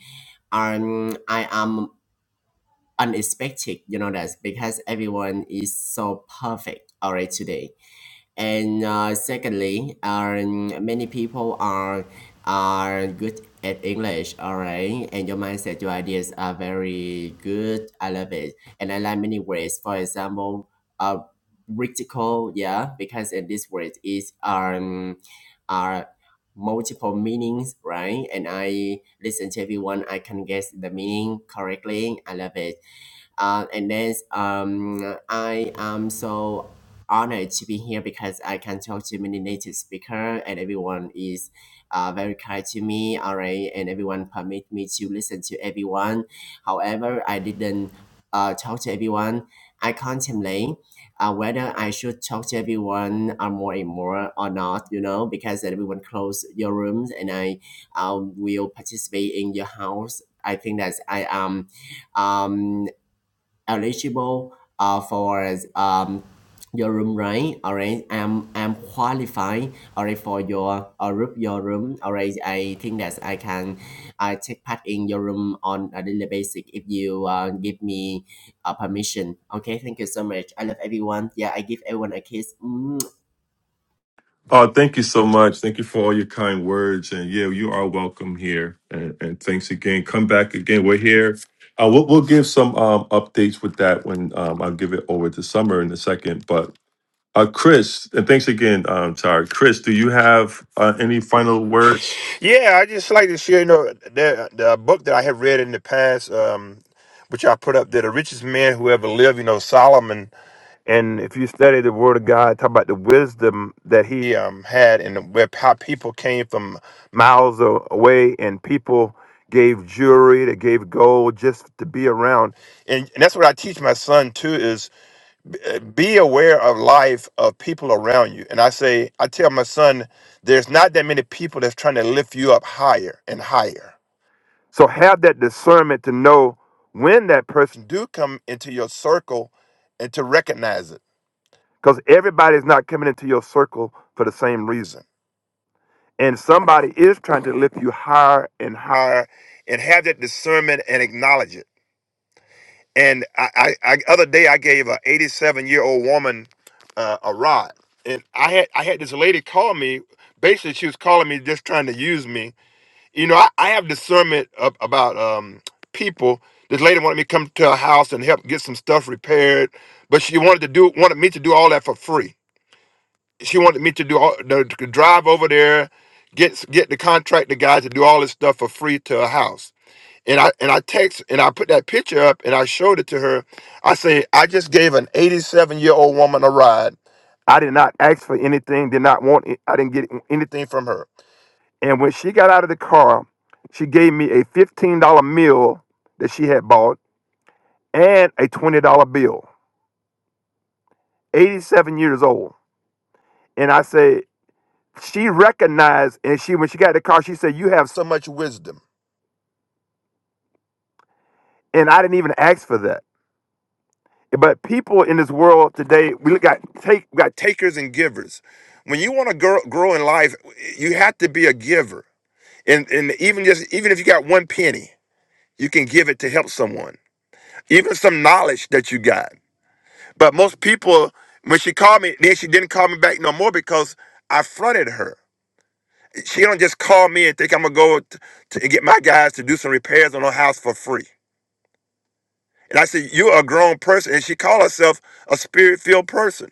um, I am unexpected, you know that because everyone is so perfect Alright, today. And uh, secondly, um, many people are are good at English, all right? And your mindset, your ideas are very good. I love it. And I like many words. For example, uh, radical, yeah, because in this word is um, are multiple meanings, right? And I listen to everyone, I can guess the meaning correctly. I love it uh, and then um, I am so honored to be here because I can talk to many native speaker and everyone is uh, very kind to me, all right, and everyone permit me to listen to everyone. However, I didn't uh, talk to everyone. I contemplate uh, whether I should talk to everyone uh, more and more or not, you know, because everyone close your rooms and I uh, will participate in your house. I think that I am um, eligible uh, for um, your room rate. All right alright I'm I'm qualified alright for your uh, room your room alright I think that I can uh, take part in your room on a daily basis if you uh, give me uh, permission okay thank you so much I love everyone yeah I give everyone a kiss Mm.
Oh, thank you so much. Thank you for all your kind words. And yeah, you are welcome here. And, and thanks again. Come back again. We're here. Uh, we'll, we'll give some um, updates with that when um, I'll give it over to Summer in a second. But uh, Chris, and thanks again, um, Tara. Chris, do you have uh, any final words
Yeah, I just like to share, you know, the, the book that I have read in the past, um, which I put up there, The Richest Man Who Ever Lived, you know, Solomon. And if you study the Word of God, talk about the wisdom that he um, had and where how people came from miles a- away and people gave jewelry, they gave gold just to be around. And, and that's what I teach my son, too, uh, be aware of life of people around you. And I say, I tell my son, there's not that many people that's trying to lift you up higher and higher. So have that discernment to know when that person do come into your circle and to recognize it. Because everybody's not coming into your circle for the same reason. And somebody is trying to lift you higher and higher and have that discernment and acknowledge it. And I, I, I other day I gave a 87 year old woman uh, a rod, and I had I had this lady call me. Basically, she was calling me just trying to use me. You know, I, I have discernment ab- about um, people. This lady wanted me to come to her house and help get some stuff repaired, but she wanted to do wanted me to do all that for free. She wanted me to do all, to drive over there, get get the contractor guys to do all this stuff for free to her house and I and I text and I put that picture up and I showed it to her. I say I just gave an 87 year old woman a ride. I did not ask for anything. Did not want. it- I didn't get anything from her. And when she got out of the car, she gave me a $15 meal that she had bought and a $20 bill. 87 years old. And I say she recognized and she when she got in the car she said you have so much wisdom. And I didn't even ask for that. But people in this world today, we got take we got takers and givers. When you want to grow, grow in life, you have to be a giver. And and even just even if you got one penny, you can give it to help someone. Even some knowledge that you got. But most people, when she called me, then she didn't call me back no more because I fronted her. She don't just call me and think I'm gonna go t- to, and get my guys to do some repairs on her house for free. And I said, "You're a grown person," and she called herself a spirit-filled person.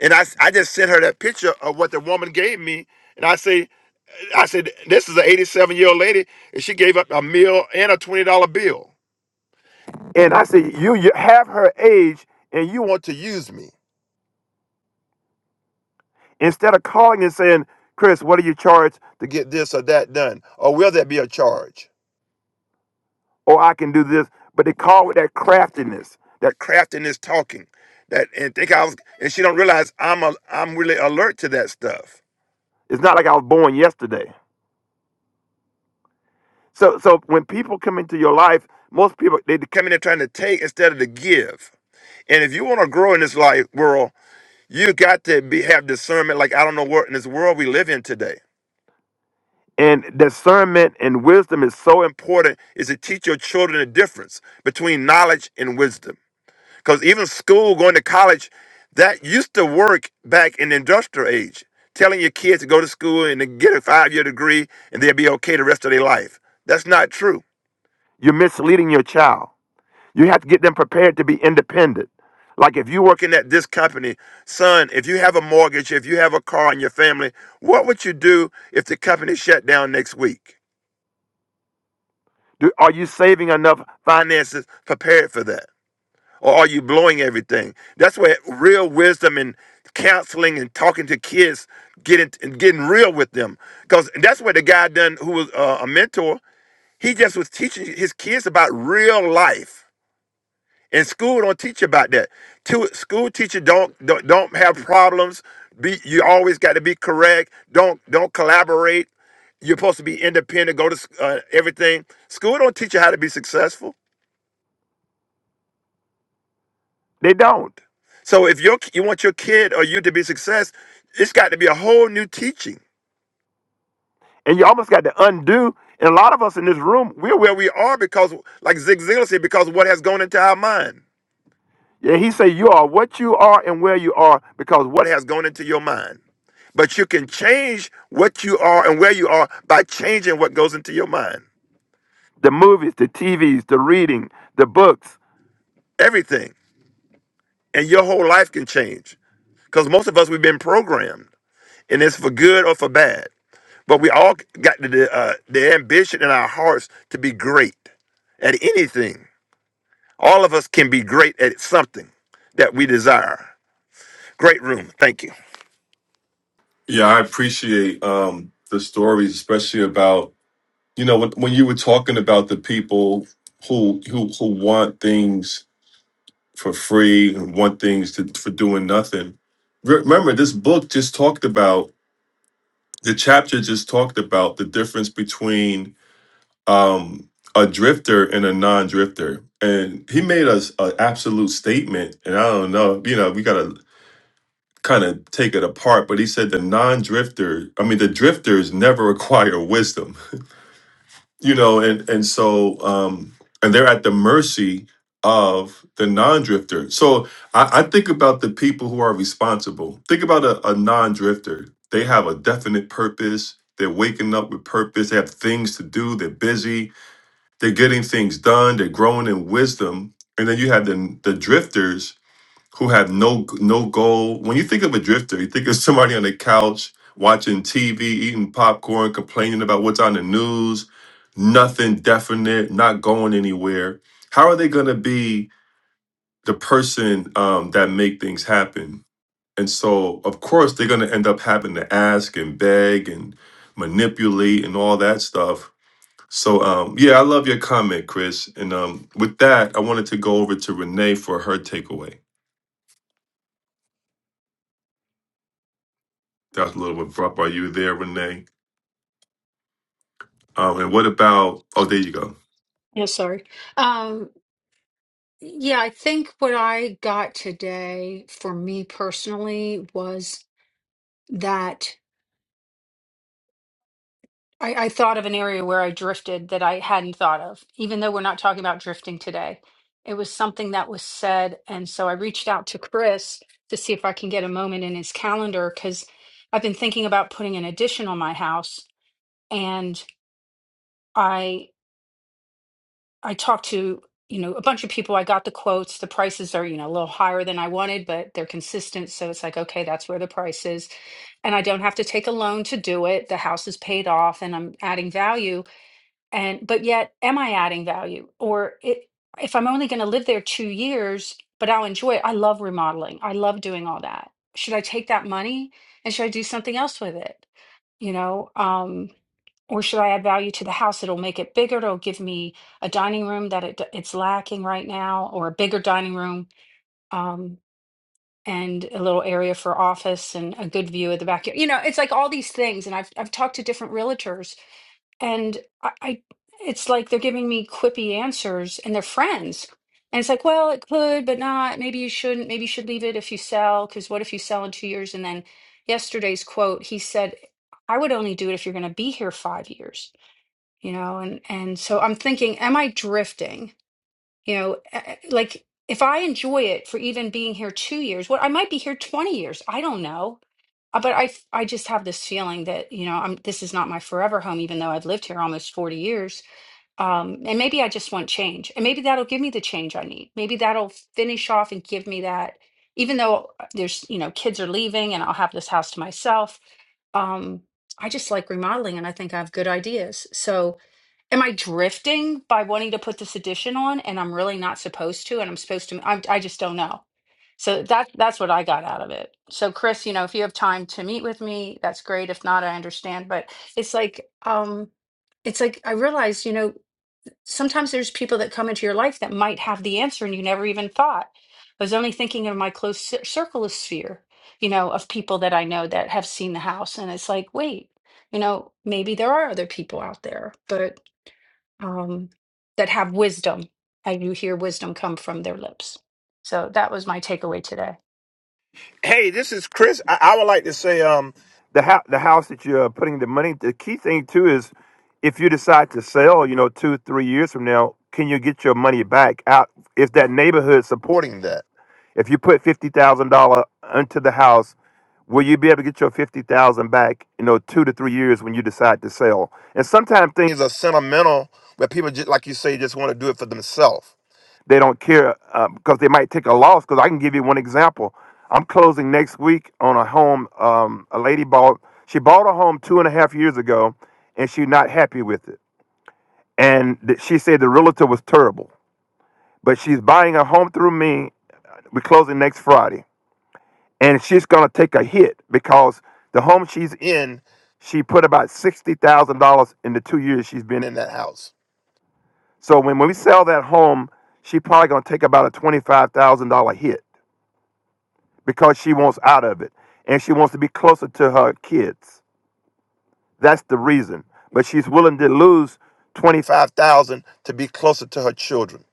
And I, I just sent her that picture of what the woman gave me. And I say, I said, this is an 87 year old lady, and she gave up a meal and a $20 bill. And I said, you, you have her age and you want to use me. Instead of calling and saying, Chris, what do you charge to get this or that done? Or will there be a charge? Or I can do this. But they call with that craftiness, that craftiness talking. That and think I was and she don't realize I'm a, I'm really alert to that stuff. It's not like I was born yesterday. So so when people come into your life, most people they come in there trying to take instead of to give. And if you want to grow in this life world, you got to be have discernment. Like I don't know what in this world we live in today. And discernment and wisdom is so important is to teach your children the difference between knowledge and wisdom. Because even school, going to college, that used to work back in the industrial age, telling your kids to go to school and to get a five-year degree and they'll be okay the rest of their life. That's not true you're misleading your child. You have to get them prepared to be independent. Like if you're working at this company, son, if you have a mortgage, if you have a car in your family, what would you do if the company shut down next week? Do, are you saving enough finances prepared for that? Or are you blowing everything? That's where real wisdom and counseling and talking to kids getting and getting real with them. Because that's what the guy done who was uh, a mentor, he just was teaching his kids about real life And school don't teach about that. To, school teacher don't, don't don't have problems. Be you always got to be correct. Don't don't collaborate. You're supposed to be independent. Go to s- uh, everything. School don't teach you how to be successful. They don't. So if you you want your kid or you to be success, it's got to be a whole new teaching. And you almost got to undo. And a lot of us in this room, we're where we are because, like Zig Ziglar said, because of what has gone into our mind. Yeah, he said, you are what you are and where you are because what has gone into your mind. But you can change what you are and where you are by changing what goes into your mind. The movies, the TVs, the reading, the books, everything. And your whole life can change. Because most of us, we've been programmed, and it's for good or for bad. But we all got the, uh, the ambition in our hearts to be great at anything. All of us can be great at something that we desire. Great room. Thank you.
Yeah, I appreciate um, the stories, especially about you know when, when you were talking about the people who who who want things for free and want things to, for doing nothing. Re- Remember, this book just talked about the chapter just talked about the difference between um, a drifter and a non-drifter, and he made us an absolute statement. And I don't know, you know, we got to kind of take it apart, but he said the non-drifter, I mean the drifters never acquire wisdom, you know, and and so um and they're at the mercy of the non-drifter. So I, I think about the people who are responsible. Think about a, a non-drifter. They have a definite purpose. They're waking up with purpose. They have things to do. They're busy. They're getting things done. They're growing in wisdom. And then you have the the drifters who have no no goal. When you think of a drifter, you think of somebody on the couch watching TV, eating popcorn, complaining about what's on the news, nothing definite, not going anywhere. How are they going to be the person um, that make things happen? And so, of course, they're going to end up having to ask and beg and manipulate and all that stuff. So, um, yeah, I love your comment, Chris. And um, with that, I wanted to go over to Renee for her takeaway. That was a little abrupt. Are you there, Renee? Um, and what about? Oh, there you go.
Yeah, sorry. Um, yeah, I think what I got today for me personally was. that I, I thought of an area where I drifted that I hadn't thought of, even though we're not talking about drifting today. It was something that was said. And so I reached out to Chris to see if I can get a moment in his calendar because I've been thinking about putting an addition on my house. And I I talked to, you know, a bunch of people. I got the quotes. The prices are, you know, a little higher than I wanted, but they're consistent. So it's like, okay, that's where the price is. And I don't have to take a loan to do it. The house is paid off and I'm adding value and but yet am i adding value or it, if i'm only going to live there two years but i'll enjoy it i love remodeling i love doing all that should i take that money and should i do something else with it you know um or should i add value to the house it'll make it bigger it'll give me a dining room that it, it's lacking right now or a bigger dining room um and a little area for office and a good view of the backyard you know it's like all these things and i've i've talked to different realtors and I, I it's like they're giving me quippy answers and they're friends and it's like well it could but not maybe you shouldn't maybe you should leave it if you sell because what if you sell in two years and then yesterday's quote he said i would only do it if you're going to be here five years you know and and so i'm thinking am i drifting you know, eh, eh, like if I enjoy it for even being here two years, what I might be here 20 years, I don't know. Uh, But I, f- I just have this feeling that, you know, I'm, this is not my forever home, even though I've lived here almost 40 years. Um, and maybe I just want change. And maybe that'll give me the change I need. Maybe that'll finish off and give me that, even though uh, there's, you know, kids are leaving and I'll have this house to myself. Um, I just like remodeling and I think I have good ideas. So, am I drifting by wanting to put this edition on and I'm really not supposed to and I'm supposed to I, I just don't know. So that that's what I got out of it. So Chris, you know, if you have time to meet with me, that's great. If not, I understand, but it's like um it's like I realize, you know, sometimes there's people that come into your life that might have the answer and you never even thought. I was only thinking of my close cir- circle of sphere, you know, of people that I know that have seen the house and it's like, wait, you know, maybe there are other people out there, but um, that have wisdom, and you hear wisdom come from their lips. So that was my takeaway today.
Hey, this is Chris. I, I would like to say, um, the house, the house that you're putting the money. The key thing too is, if you decide to sell, you know, two, three years from now, can you get your money back out? Is that neighborhood supporting that? If you put fifty thousand dollar into the house, will you be able to get your fifty thousand back? You know, two to three years when you decide to sell. And sometimes things are sentimental, where people just like you say, just want to do it for themselves. They don't care uh, because they might take a loss. Because I can give you one example. I'm closing next week on a home. Um, a lady bought. She bought a home two and a half years ago, and she's not happy with it. And th- she said the realtor was terrible. But she's buying a home through me. We're closing next Friday, and she's gonna take a hit because the home she's in, she put about sixty thousand dollars in the two years she's been in that house. So when, when we sell that home, she probably gonna take about a twenty five thousand dollar hit. because she wants out of it and she wants to be closer to her kids. That's the reason. But she's willing to lose 25,000 to be closer to her children.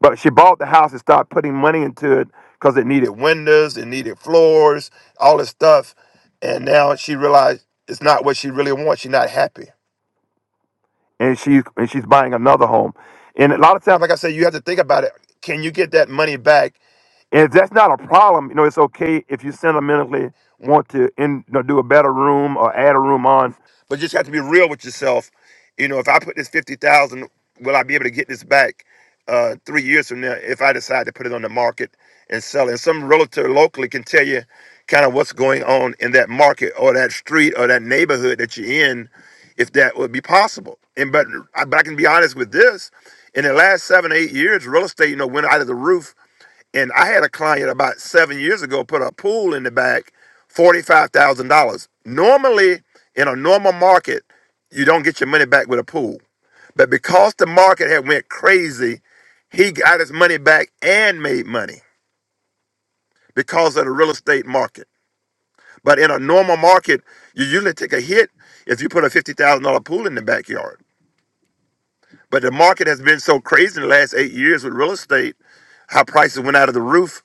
But she bought the house and started putting money into it because it needed windows, it needed floors, all this stuff. And now she realized it's not what she really wants. She's not happy and she's and she's buying another home. And a lot of times, like I said, you have to think about it. Can you get that money back? And if that's not a problem, you know, it's okay if you sentimentally want to in, you know, do a better room or add a room on. But you just have to be real with yourself. You know, if I put this fifty thousand, will I be able to get this back uh, three years from now if I decide to put it on the market and sell it? And some realtor locally can tell you kind of what's going on in that market or that street or that neighborhood that you're in if that would be possible. And but I, but I can be honest with this: in the last seven eight years, real estate you know went out of the roof. And I had a client about seven years ago put a pool in the back, forty five thousand dollars. Normally, in a normal market, you don't get your money back with a pool. But because the market had went crazy, he got his money back and made money because of the real estate market. But in a normal market, you usually take a hit if you put a fifty thousand dollar pool in the backyard. But the market has been so crazy in the last eight years with real estate, how prices went out of the roof.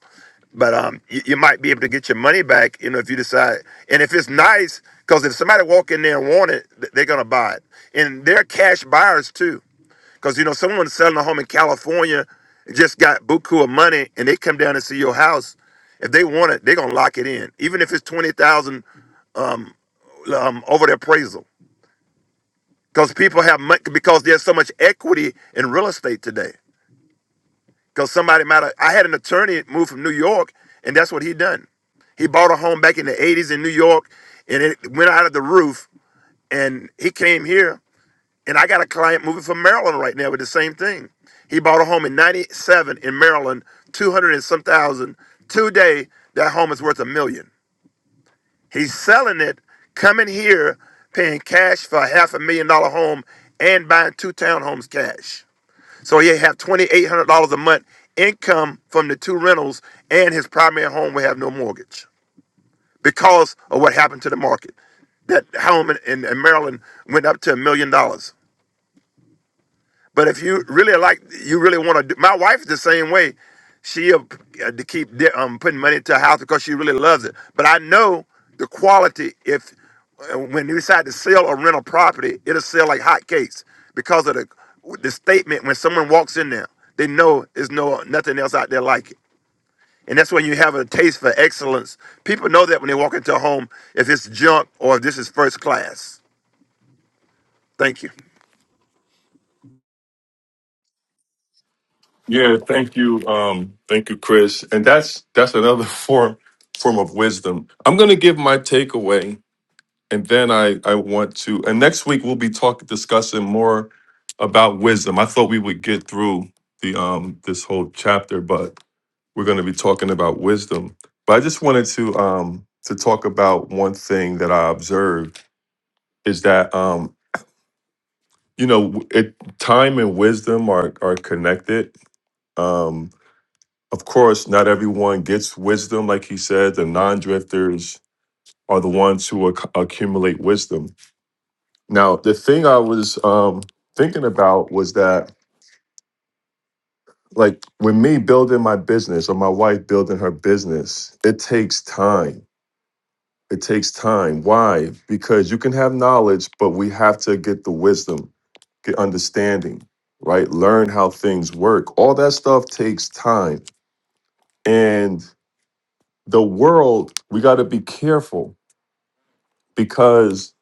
But um, you, you might be able to get your money back, you know, if you decide. And if it's nice, because if somebody walk in there and want it, th- they're gonna buy it. And they're cash buyers too, because you know someone selling a home in California just got buku of money, and they come down and see your house. If they want it, they're gonna lock it in, even if it's twenty thousand um, um, over the appraisal. Because people have money, because there's so much equity in real estate today. Because somebody might have, I had an attorney move from New York, and that's what he done. He bought a home back in the 80s in New York, and it went out of the roof, and he came here. And I got a client moving from Maryland right now with the same thing. He bought a home in 97 in Maryland, 200 and some thousand. Today, that home is worth a million. He's selling it, coming here, paying cash for a half a million dollar home, and buying two townhomes cash. So he'll have $2,800 a month income from the two rentals, and his primary home will have no mortgage because of what happened to the market. That home in, in, in Maryland went up to a million dollars. But if you really like, you really want to. Do, My wife is the same way. She'll uh, uh, to keep di- um, putting money into a house because she really loves it. But I know the quality. If uh, when you decide to sell or rent a property, it'll sell like hotcakes because of the the statement. When someone walks in there, they know there's no nothing else out there like it. And that's when you have a taste for excellence. People know that when they walk into a home, if it's junk or if this is first class. Thank you.
Yeah, thank you, um, thank you, Chris. And that's that's another form form of wisdom. I'm going to give my takeaway, and then I I want to. And next week we'll be talking discussing more about wisdom. I thought we would get through the um this whole chapter, but we're going to be talking about wisdom. But I just wanted to um to talk about one thing that I observed is that um you know it time and wisdom are are connected um of course not everyone gets wisdom like he said the non-drifters are the ones who acc accumulate wisdom now the thing i was um thinking about was that like when me building my business or my wife building her business it takes time It takes time. Why? Because you can have knowledge, but we have to get the wisdom, get understanding, right? Learn how things work. All that stuff takes time. And the world, we got to be careful because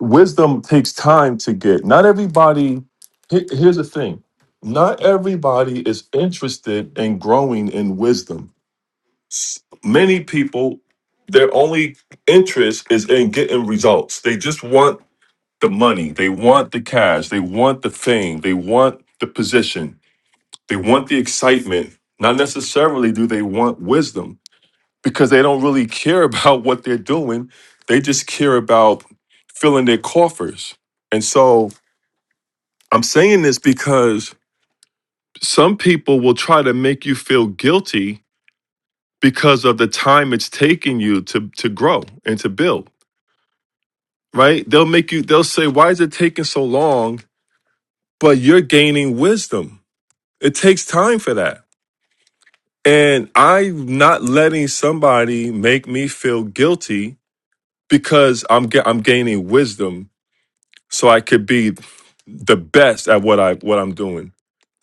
wisdom takes time to get. Not everybody, he- here's the thing not everybody is interested in growing in wisdom. S- Many people, their only interest is in getting results. They just want the money. They want the cash. They want the fame. They want the position. They want the excitement. Not necessarily do they want wisdom because they don't really care about what they're doing. They just care about filling their coffers. And so I'm saying this because some people will try to make you feel guilty because of the time it's taking you to, to grow and to build, right? They'll make you, they'll say, why is it taking so long? But you're gaining wisdom It takes time for that. And I'm not letting somebody make me feel guilty because I'm ga- I'm gaining wisdom so I could be the best at what I what I'm doing.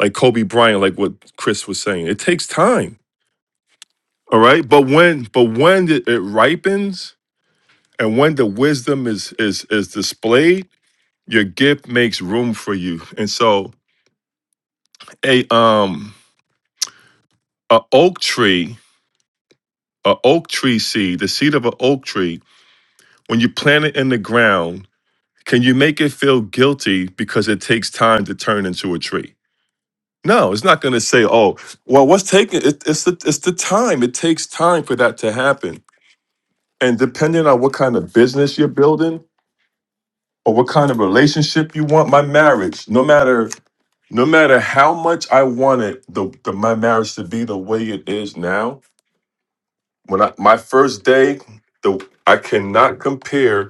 Like Kobe Bryant, like what Chris was saying. It takes time. All right. But when but when it, it ripens and when the wisdom is is is displayed, your gift makes room for you. And so a um a oak tree, a oak tree seed, the seed of an oak tree When you plant it in the ground, can you make it feel guilty because it takes time to turn into a tree? No, it's not going to say, "Oh, well, what's taking it, it's the it's the time. It takes time for that to happen." And depending on what kind of business you're building or what kind of relationship you want, my marriage, no matter no matter how much I wanted the, the my marriage to be the way it is now, when I my first day, the I cannot compare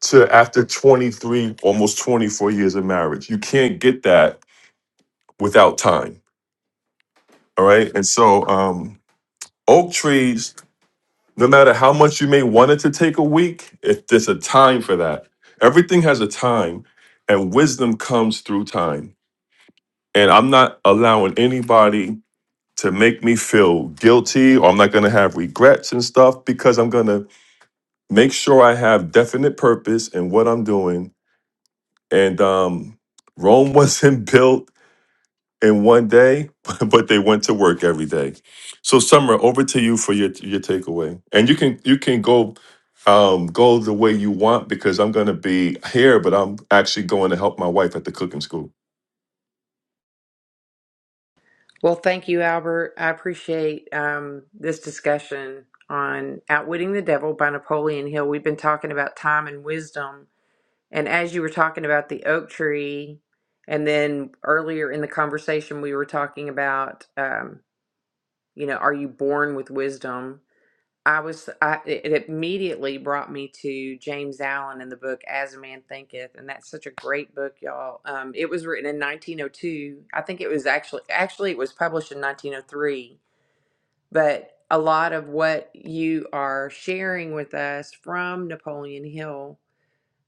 to after 23 almost 24 years of marriage you can't get that without time all right and so um oak trees no matter how much you may want it to take a week if there's a time for that everything has a time and wisdom comes through time and i'm not allowing anybody to make me feel guilty or i'm not going to have regrets and stuff because i'm going to make sure i have definite purpose in what i'm doing and um rome wasn't built in one day, but they went to work every day. So, Summer, over to you for your your takeaway, and you can you can go um, go the way you want because I'm going to be here, but I'm actually going to help my wife at the cooking school.
Well, thank you, Albert. I appreciate um, this discussion on Outwitting the Devil by Napoleon Hill. We've been talking about time and wisdom, and as you were talking about the oak tree, and then earlier in the conversation we were talking about, um, you know, are you born with wisdom? I was, I, it it immediately brought me to James Allen in the book As a Man Thinketh, and that's such a great book, y'all. Um, it was written in 1902. I think it was actually, actually, it was published in 1903. But a lot of what you are sharing with us from Napoleon Hill,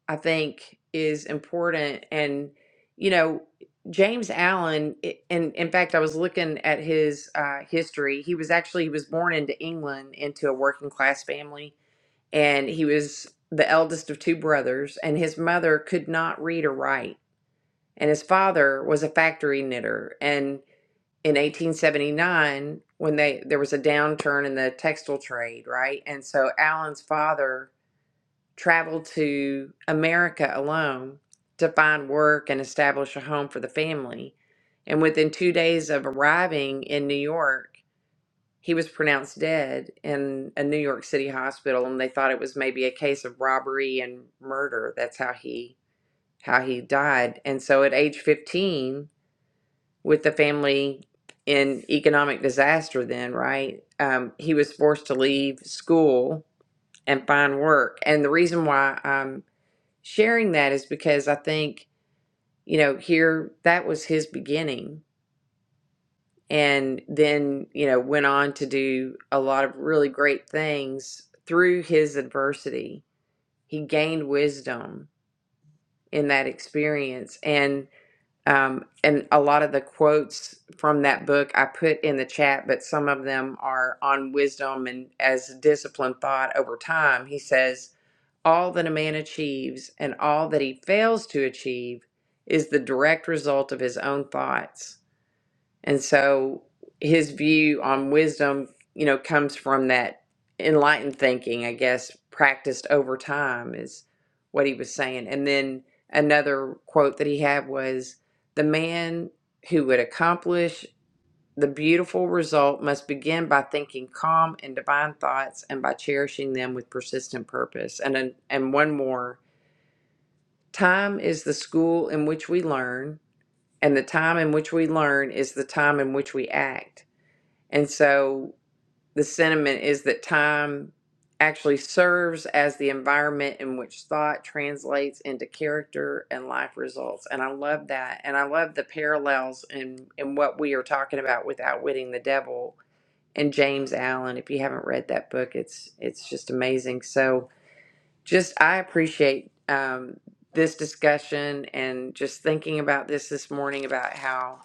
I think, is important. And you know, James Allen, i- and in fact, I was looking at his uh, history. He was actually he was born into England into a working class family and he was the eldest of two brothers and his mother could not read or write and his father was a factory knitter and in 1879 when they there was a downturn in the textile trade right and so Alan's father traveled to America alone to find work and establish a home for the family and within 2 days of arriving in New York he was pronounced dead in a New York City hospital, and they thought it was maybe a case of robbery and murder. That's how he how he died. And so, at age fifteen, with the family in economic disaster, then right, um, he was forced to leave school and find work. And the reason why I'm sharing that is because I think you know here that was his beginning and then you know went on to do a lot of really great things through his adversity he gained wisdom in that experience and um, and a lot of the quotes from that book i put in the chat but some of them are on wisdom and as disciplined thought over time he says all that a man achieves and all that he fails to achieve is the direct result of his own thoughts and so his view on wisdom, you know, comes from that enlightened thinking, I guess, practiced over time is what he was saying. And then another quote that he had was the man who would accomplish the beautiful result must begin by thinking calm and divine thoughts and by cherishing them with persistent purpose. And then- and one more, time is the school in which we learn, and the time in which we learn is the time in which we act. And so the sentiment is that time actually serves as the environment in which thought translates into character and life results. And I love that. And I love the parallels in, in what we are talking about with outwitting the devil and James Allen. If you haven't read that book, it's it's just amazing. So just I appreciate um, this discussion and just thinking about this this morning about how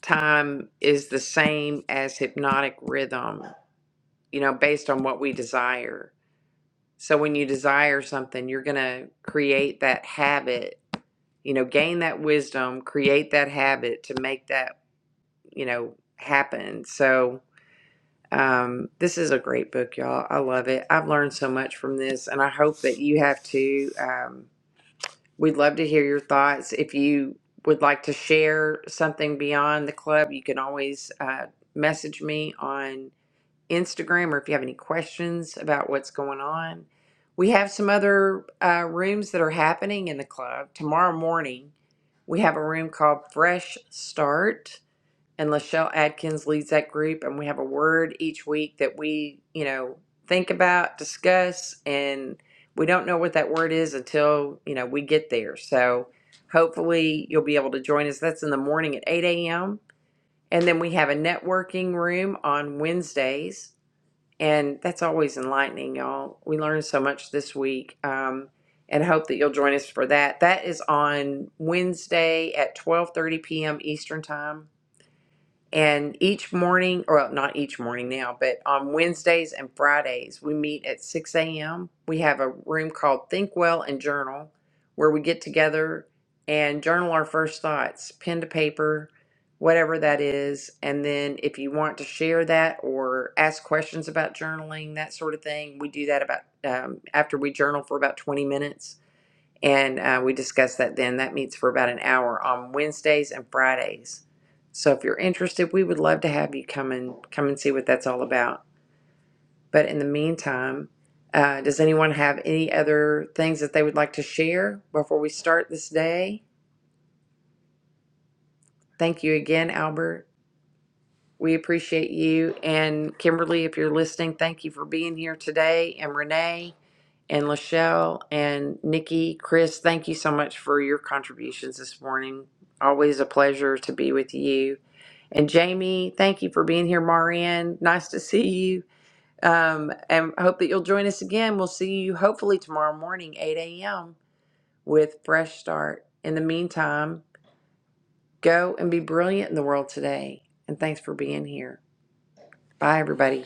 time is the same as hypnotic rhythm you know, based on what we desire. So when you desire something, you're going to create that habit, you know, gain that wisdom, create that habit to make that, you know, happen. So um, this is a great book, y'all. I love it. I've learned so much from this, and I hope that you have too. Um, we'd love to hear your thoughts. If you would like to share something beyond the club, you can always uh, message me on Instagram or if you have any questions about what's going on. We have some other uh, rooms that are happening in the club. Tomorrow morning, we have a room called Fresh Start, and Lachelle Adkins leads that group. And we have a word each week that we, you know, think about, discuss, and we don't know what that word is until, you know, we get there. So hopefully you'll be able to join us. That's in the morning at 8 a.m. And then we have a networking room on Wednesdays and that's always enlightening, y'all. We learned so much this week. Um, and I hope that you'll join us for that. That is on Wednesday at 12:30 p.m. Eastern Time. And each morning, or well, not each morning now, but on Wednesdays and Fridays, we meet at 6 a.m. We have a room called Think Well and Journal where we get together and journal our first thoughts, pen to paper, whatever that is. And then if you want to share that or ask questions about journaling, that sort of thing, we do that about um, after we journal for about 20 minutes and uh, we discussed that then. That meets for about an hour on Wednesdays and Fridays. So if you're interested, we would love to have you come and come and see what that's all about. But in the meantime, uh, does anyone have any other things that they would like to share before we start this day? Thank you again, Albert. We appreciate you. And Kimberly, if you're listening, thank you for being here today. And Renee. and Lachelle and Nikki, Chris, thank you so much for your contributions this morning. Always a pleasure to be with you. And Jamie, thank you for being here. Marianne, nice to see you. Um, and I hope that you'll join us again. We'll see you hopefully tomorrow morning, 8 a.m., with Fresh Start. In the meantime, go and be brilliant in the world today. And thanks for being here. Bye, everybody.